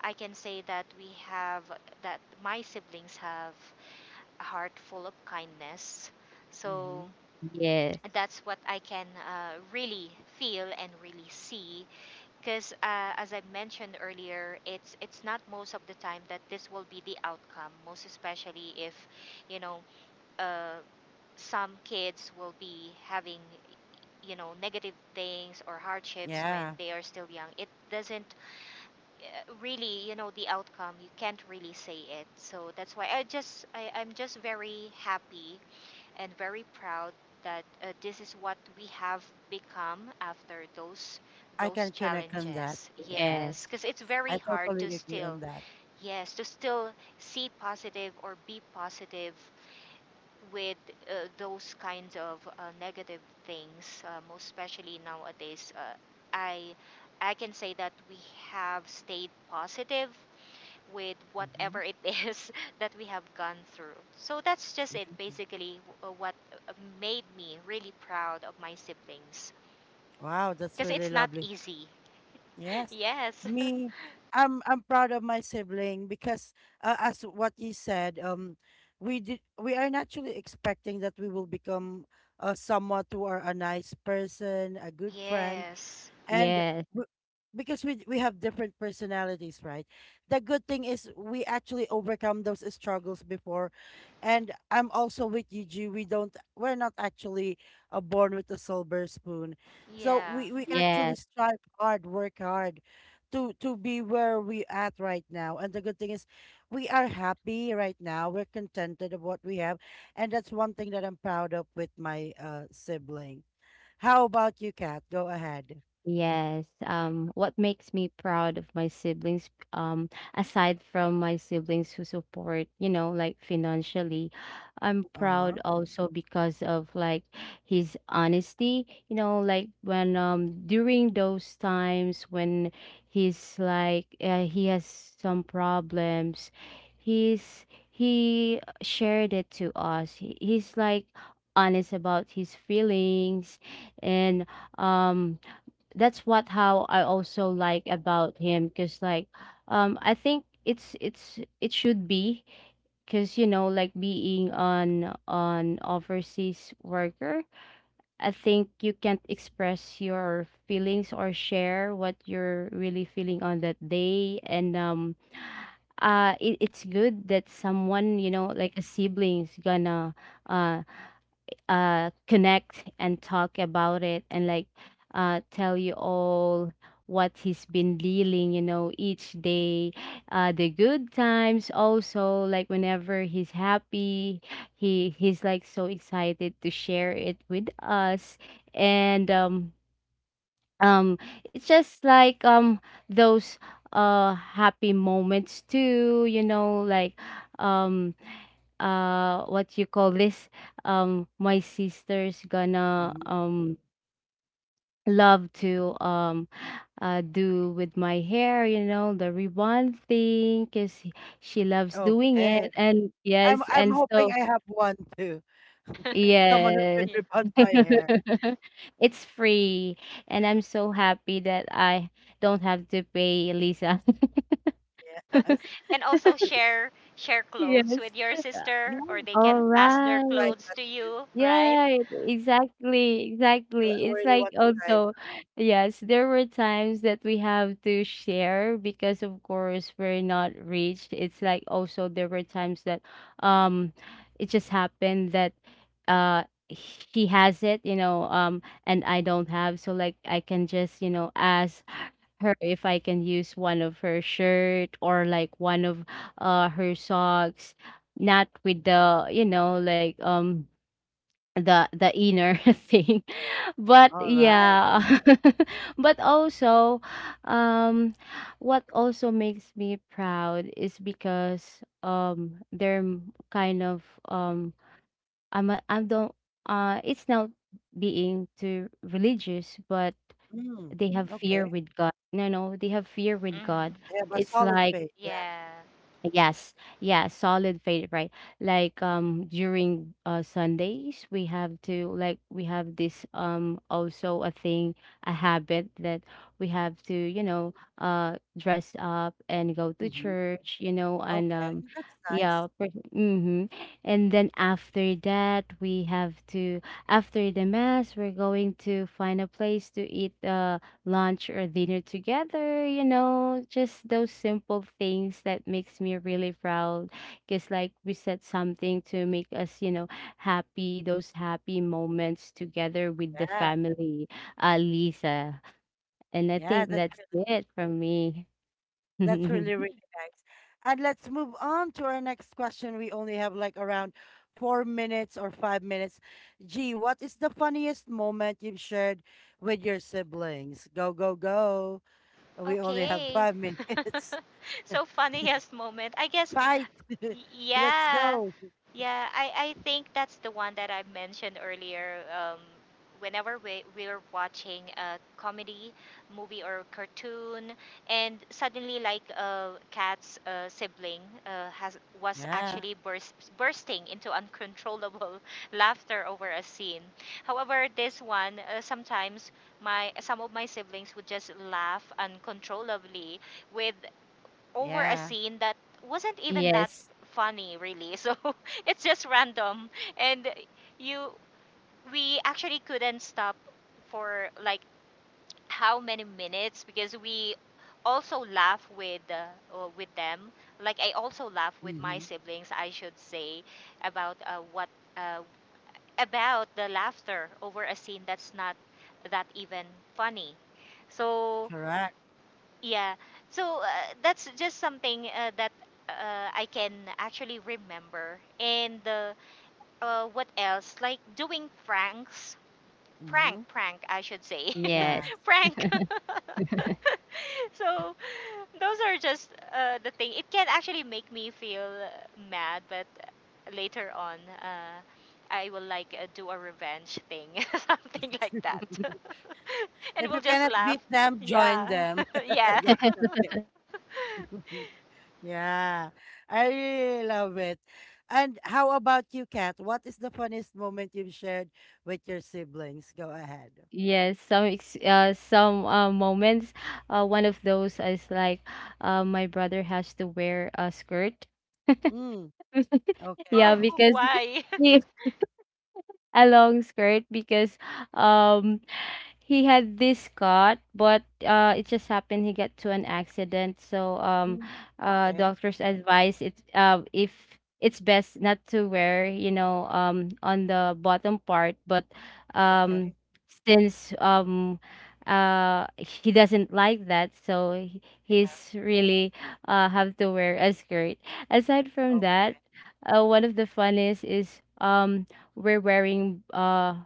Speaker 2: I can say that my siblings have a heart full of kindness. So
Speaker 1: Mm-hmm.
Speaker 3: Yes.
Speaker 2: that's what I can really feel and really see, because, as I mentioned earlier, it's not most of the time that this will be the outcome. Most especially if, you know, uh, some kids will be having, negative things or hardships when
Speaker 1: Yeah,
Speaker 2: they are still young. It doesn't really, the outcome. You can't really say it. So that's why I'm just very happy and very proud that, this is what we have become after those
Speaker 1: I
Speaker 2: those
Speaker 1: can connect on that.
Speaker 2: challenges.
Speaker 1: Yeah,
Speaker 2: Yes,
Speaker 3: Yes.
Speaker 2: because it's
Speaker 1: I
Speaker 2: very hard to
Speaker 1: totally agree
Speaker 2: still,
Speaker 1: on that.
Speaker 2: yes, to still see positive or be positive with those kinds of negative things, most especially nowadays. Uh, i i can say that we have stayed positive with
Speaker 1: Mhm,
Speaker 2: whatever it is that we have gone through. So that's just it,
Speaker 1: mhm.
Speaker 2: basically, what uh, made me really proud of my siblings.
Speaker 1: Wow, that's
Speaker 2: Because
Speaker 1: really
Speaker 2: it's not
Speaker 1: lovely.
Speaker 2: easy.
Speaker 1: Yes.
Speaker 2: Yes.
Speaker 1: Me, I'm proud of my sibling because as what you said, we are naturally expecting that we will become someone who are a nice person, a good friend,
Speaker 2: Yes.
Speaker 1: and
Speaker 3: Yes.
Speaker 1: w- because we have different personalities, right? The good thing is we actually overcome those struggles before, and I'm also with you, G. We don't, we're not actually born with a silver spoon, so
Speaker 2: Yeah.
Speaker 1: we actually
Speaker 3: Yes.
Speaker 1: strive hard, work hard to be where we at right now, and the good thing is we are happy right now. We're contented of what we have, and that's one thing that I'm proud of with my sibling. How about you, Kat? Go ahead.
Speaker 3: Yes. What makes me proud of my siblings, aside from my siblings who support, you know, like financially, I'm
Speaker 1: Uh-huh.
Speaker 3: proud also because of like his honesty, you know, like when during those times when he has some problems, he shared it to us. He's like honest about his feelings and um that's what how I also like about him because like I think it's it should be because you know like being on overseas worker I think you can't express your feelings or share what you're really feeling on that day. And it, it's good that someone you know like a sibling's gonna uh connect and talk about it and like tell you all what he's been dealing, you know, each day. The good times also like whenever he's happy he's like so excited to share it with us. And um it's just like those happy moments too, you know, like um what you call this my sister's gonna
Speaker 1: Mhm.
Speaker 3: love to do with my hair, you know, the rebond thing because she loves doing
Speaker 1: Okay.
Speaker 3: it and yes
Speaker 1: I'm
Speaker 3: and so
Speaker 1: hoping I have one too. Someone who could
Speaker 3: yes.
Speaker 2: Yeah.
Speaker 1: rebond my hair.
Speaker 3: It's free and I'm so happy that I don't have to pay, Lisa.
Speaker 1: Yes.
Speaker 2: And also
Speaker 1: Y-
Speaker 2: share clothes
Speaker 3: Yes.
Speaker 2: with your
Speaker 1: Yeah,
Speaker 2: sister, or
Speaker 1: I'll
Speaker 2: they
Speaker 3: All
Speaker 2: can pass their
Speaker 1: try
Speaker 3: right.
Speaker 2: clothes
Speaker 1: that
Speaker 2: to
Speaker 1: too.
Speaker 2: you, right?
Speaker 3: Yeah, exactly,
Speaker 1: So
Speaker 3: exactly.
Speaker 1: I
Speaker 3: It's
Speaker 1: really
Speaker 3: like
Speaker 1: want to try it.
Speaker 3: also, yes, there were times that we have to share because of course we're not rich. It's like also there were times that um it just happened that uh she has it, you know, and I don't have. So like I can just, you know, ask her if I can use one of her shirt or like one of her socks, not with the, you know, like the inner thing but
Speaker 1: All right.
Speaker 3: yeah. But also um what also makes me proud is because they're kind of I'm a- I'm don't it's not being too religious but
Speaker 1: Mm.
Speaker 3: they have fear
Speaker 1: Okay.
Speaker 3: with God, no no they have fear with
Speaker 2: Mm.
Speaker 3: God.
Speaker 1: I have a
Speaker 3: It's
Speaker 1: solid
Speaker 3: like
Speaker 1: face. Yeah.
Speaker 2: Yeah.
Speaker 3: Yes, yeah, solid favorite, right? Like during Sundays we have to like we have this also a thing, a habit that we have to, you know, dress up and go to
Speaker 1: Hmm.
Speaker 3: church, you know. And
Speaker 1: Okay. That's
Speaker 3: yeah,
Speaker 1: nice.
Speaker 3: mm-hmm. And then after that we have to after the mass we're going to find a place to eat lunch or dinner together, you know, just those simple things that makes me really proud because like we said something to make us, you know, happy those happy moments together with the
Speaker 1: Yeah.
Speaker 3: family, Lisa. And I
Speaker 1: Yeah,
Speaker 3: think
Speaker 1: that's
Speaker 3: that's it from me.
Speaker 1: That's really, really nice. And let's move on to our next question. We only have like around 4 minutes or 5 minutes. Gee, what is the funniest moment you've shared with your siblings? Go, go, go. We only have
Speaker 2: Okay.
Speaker 1: five minutes.
Speaker 2: So, funniest moment, I guess.
Speaker 1: Fight. Let's
Speaker 2: Yeah.
Speaker 1: go.
Speaker 2: Yeah, I think that's the one that I mentioned earlier. Whenever we're watching a comedy movie or cartoon, and suddenly, like, Kat's sibling has was
Speaker 1: Yeah.
Speaker 2: actually bursting into uncontrollable laughter over a scene. However, this one, sometimes my some of my siblings would just laugh uncontrollably, with, over a
Speaker 1: Yeah.
Speaker 2: scene that wasn't even that
Speaker 3: Yes.
Speaker 2: funny, really. So it's just random, and you we actually couldn't stop for like how many minutes, because we also laugh with, with them, like I also laugh with my
Speaker 1: Hmm.
Speaker 2: siblings, I should say, about uh, what uh, about the laughter over a scene that's not that even funny. So,
Speaker 1: Correct.
Speaker 2: yeah. So that's just something that I can actually remember. And, what else? Like, doing pranks, prank
Speaker 1: Hmm.
Speaker 2: prank I should say.
Speaker 1: Yeah.
Speaker 3: Yes.
Speaker 2: Prank. So those are just the thing it can actually make me feel mad, but later on, uh, I will like, do a revenge thing, something like that, and
Speaker 1: If
Speaker 2: we'll
Speaker 1: you
Speaker 2: just
Speaker 1: cannot
Speaker 2: laugh.
Speaker 1: beat them, join
Speaker 2: Yeah.
Speaker 1: them.
Speaker 2: Yeah.
Speaker 1: That's the thing. Yeah, I really love it. And how about you, Kat? What is the funniest moment you've shared with your siblings? Go ahead.
Speaker 3: Yes some some moments one of those is like my brother has to wear a skirt.
Speaker 1: Mm,
Speaker 3: Yeah,
Speaker 2: Oh,
Speaker 1: okay.
Speaker 3: because
Speaker 2: why?
Speaker 3: a long skirt because um he had this cut, but it just happened he got to an accident. So
Speaker 1: Mm, okay.
Speaker 3: doctors advise it if it's best not to wear, you know, on the bottom part. But um,
Speaker 1: Okay.
Speaker 3: since he doesn't like that, so he's really have to wear a skirt. Aside from
Speaker 1: Okay.
Speaker 3: that, one of the funniest is we're wearing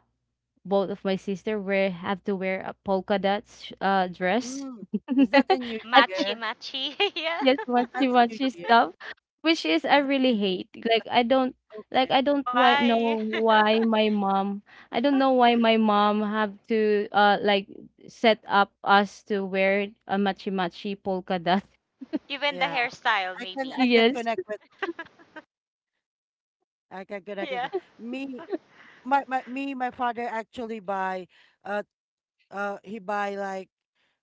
Speaker 3: both of my sister wear have to wear a polka dots dress.
Speaker 1: Mm. Is that a new
Speaker 3: At
Speaker 2: Machi
Speaker 1: year?
Speaker 2: machi. Yeah.
Speaker 3: yes
Speaker 1: Is
Speaker 3: matchy
Speaker 1: that a new
Speaker 3: matchy
Speaker 1: year?
Speaker 3: stuff which is I
Speaker 1: Is that
Speaker 3: really
Speaker 1: new-
Speaker 3: hate like I don't like
Speaker 1: okay?
Speaker 3: I don't why, know
Speaker 2: Why?
Speaker 3: why my mom I don't know why my mom have to like set up us to wear a matchy matchy polka dot.
Speaker 2: Even the
Speaker 1: Yeah.
Speaker 2: hairstyle,
Speaker 1: I can
Speaker 2: maybe.
Speaker 1: I can
Speaker 3: Yes
Speaker 1: connect with, I can connect with
Speaker 2: Yeah.
Speaker 1: that. Me. My father actually buy uh he buy like,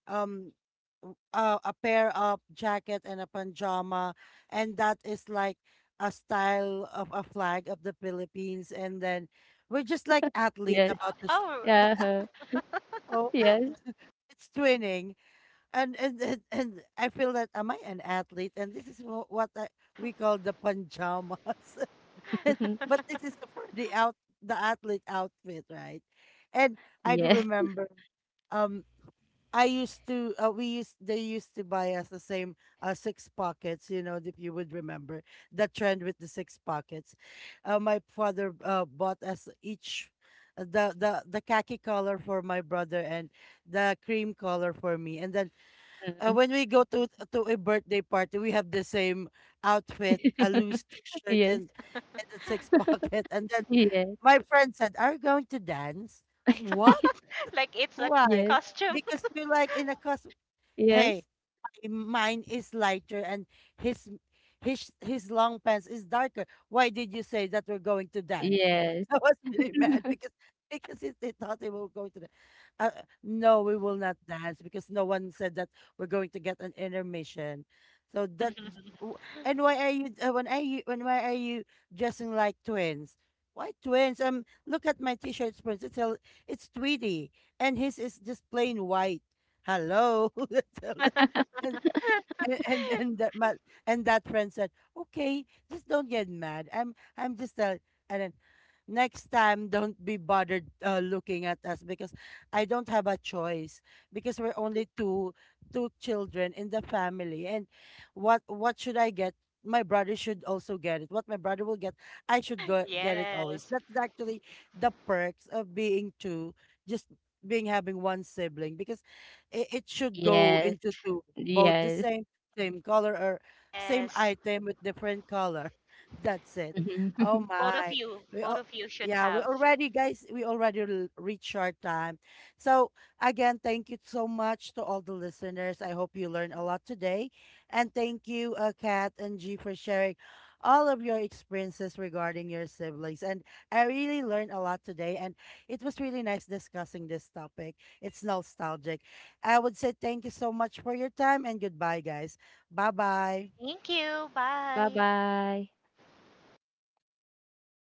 Speaker 1: um a pair of jacket and a pajama, and that is like a style of a flag of the Philippines, and then we're just like athlete
Speaker 3: yes
Speaker 1: about to sleep.
Speaker 2: Oh,
Speaker 3: yeah
Speaker 1: Oh,
Speaker 3: yes
Speaker 1: it's twinning. And I feel that, am I an athlete, and this is what I, we call the pajamas, but this is for the out, the athlete outfit, right? And I do
Speaker 3: yes
Speaker 1: remember um I used to we used, they used to buy us the same six pockets, you know, if you would remember the trend with the six pockets. My father bought us each the the khaki color for my brother and the cream color for me. And then
Speaker 3: uh,
Speaker 1: when we go to a birthday party, we have the same outfit, a loose t-shirt,
Speaker 3: yes
Speaker 1: and a six pocket. And then
Speaker 3: yes
Speaker 1: my friend said, "Are you going to dance?" What?
Speaker 2: like it's a
Speaker 1: Why?
Speaker 3: yes
Speaker 2: costume.
Speaker 1: Because you're like in a cos, hey,
Speaker 3: yes.
Speaker 1: mine is lighter, and his his long pants is darker. Why did you say that we're going to dance?"
Speaker 3: Yes.
Speaker 1: I was really mad because it, they thought they were going to dance. Uh, no, we will not dance because no one said that we're going to get an intermission. So that w- and why are you, when are you when why are you dressing like twins? Why twins? Look at my t-shirt prints. It's a, it's Tweety, and his is just plain white. Hello. That's all. And that and that friend said, "Okay, just don't get mad. I'm just a, and then next time, don't be bothered looking at us because I don't have a choice because we're only two, children in the family, and what should I get? My brother should also get it. What my brother will get, I should go get it always.
Speaker 2: Yes.
Speaker 1: That's actually the perks of being two, just being having one sibling because it should go
Speaker 3: Yes.
Speaker 1: into two, both the
Speaker 3: Yes.
Speaker 1: same same color, or same
Speaker 2: Yes.
Speaker 1: item with different color. That's it.
Speaker 3: Bye.
Speaker 1: Oh my. We
Speaker 2: Both
Speaker 1: all,
Speaker 2: of you should
Speaker 1: yeah, we
Speaker 2: have.
Speaker 1: already, guys, we already reached our time. So again, thank you so much to all the listeners. I hope you learned a lot today. And thank you, Kat and G for sharing all of your experiences regarding your siblings. And I really learned a lot today, and it was really nice discussing this topic. It's nostalgic. I would say, thank you so much for your time, and goodbye, guys. Bye-bye.
Speaker 2: Thank you. Bye.
Speaker 3: Bye-bye.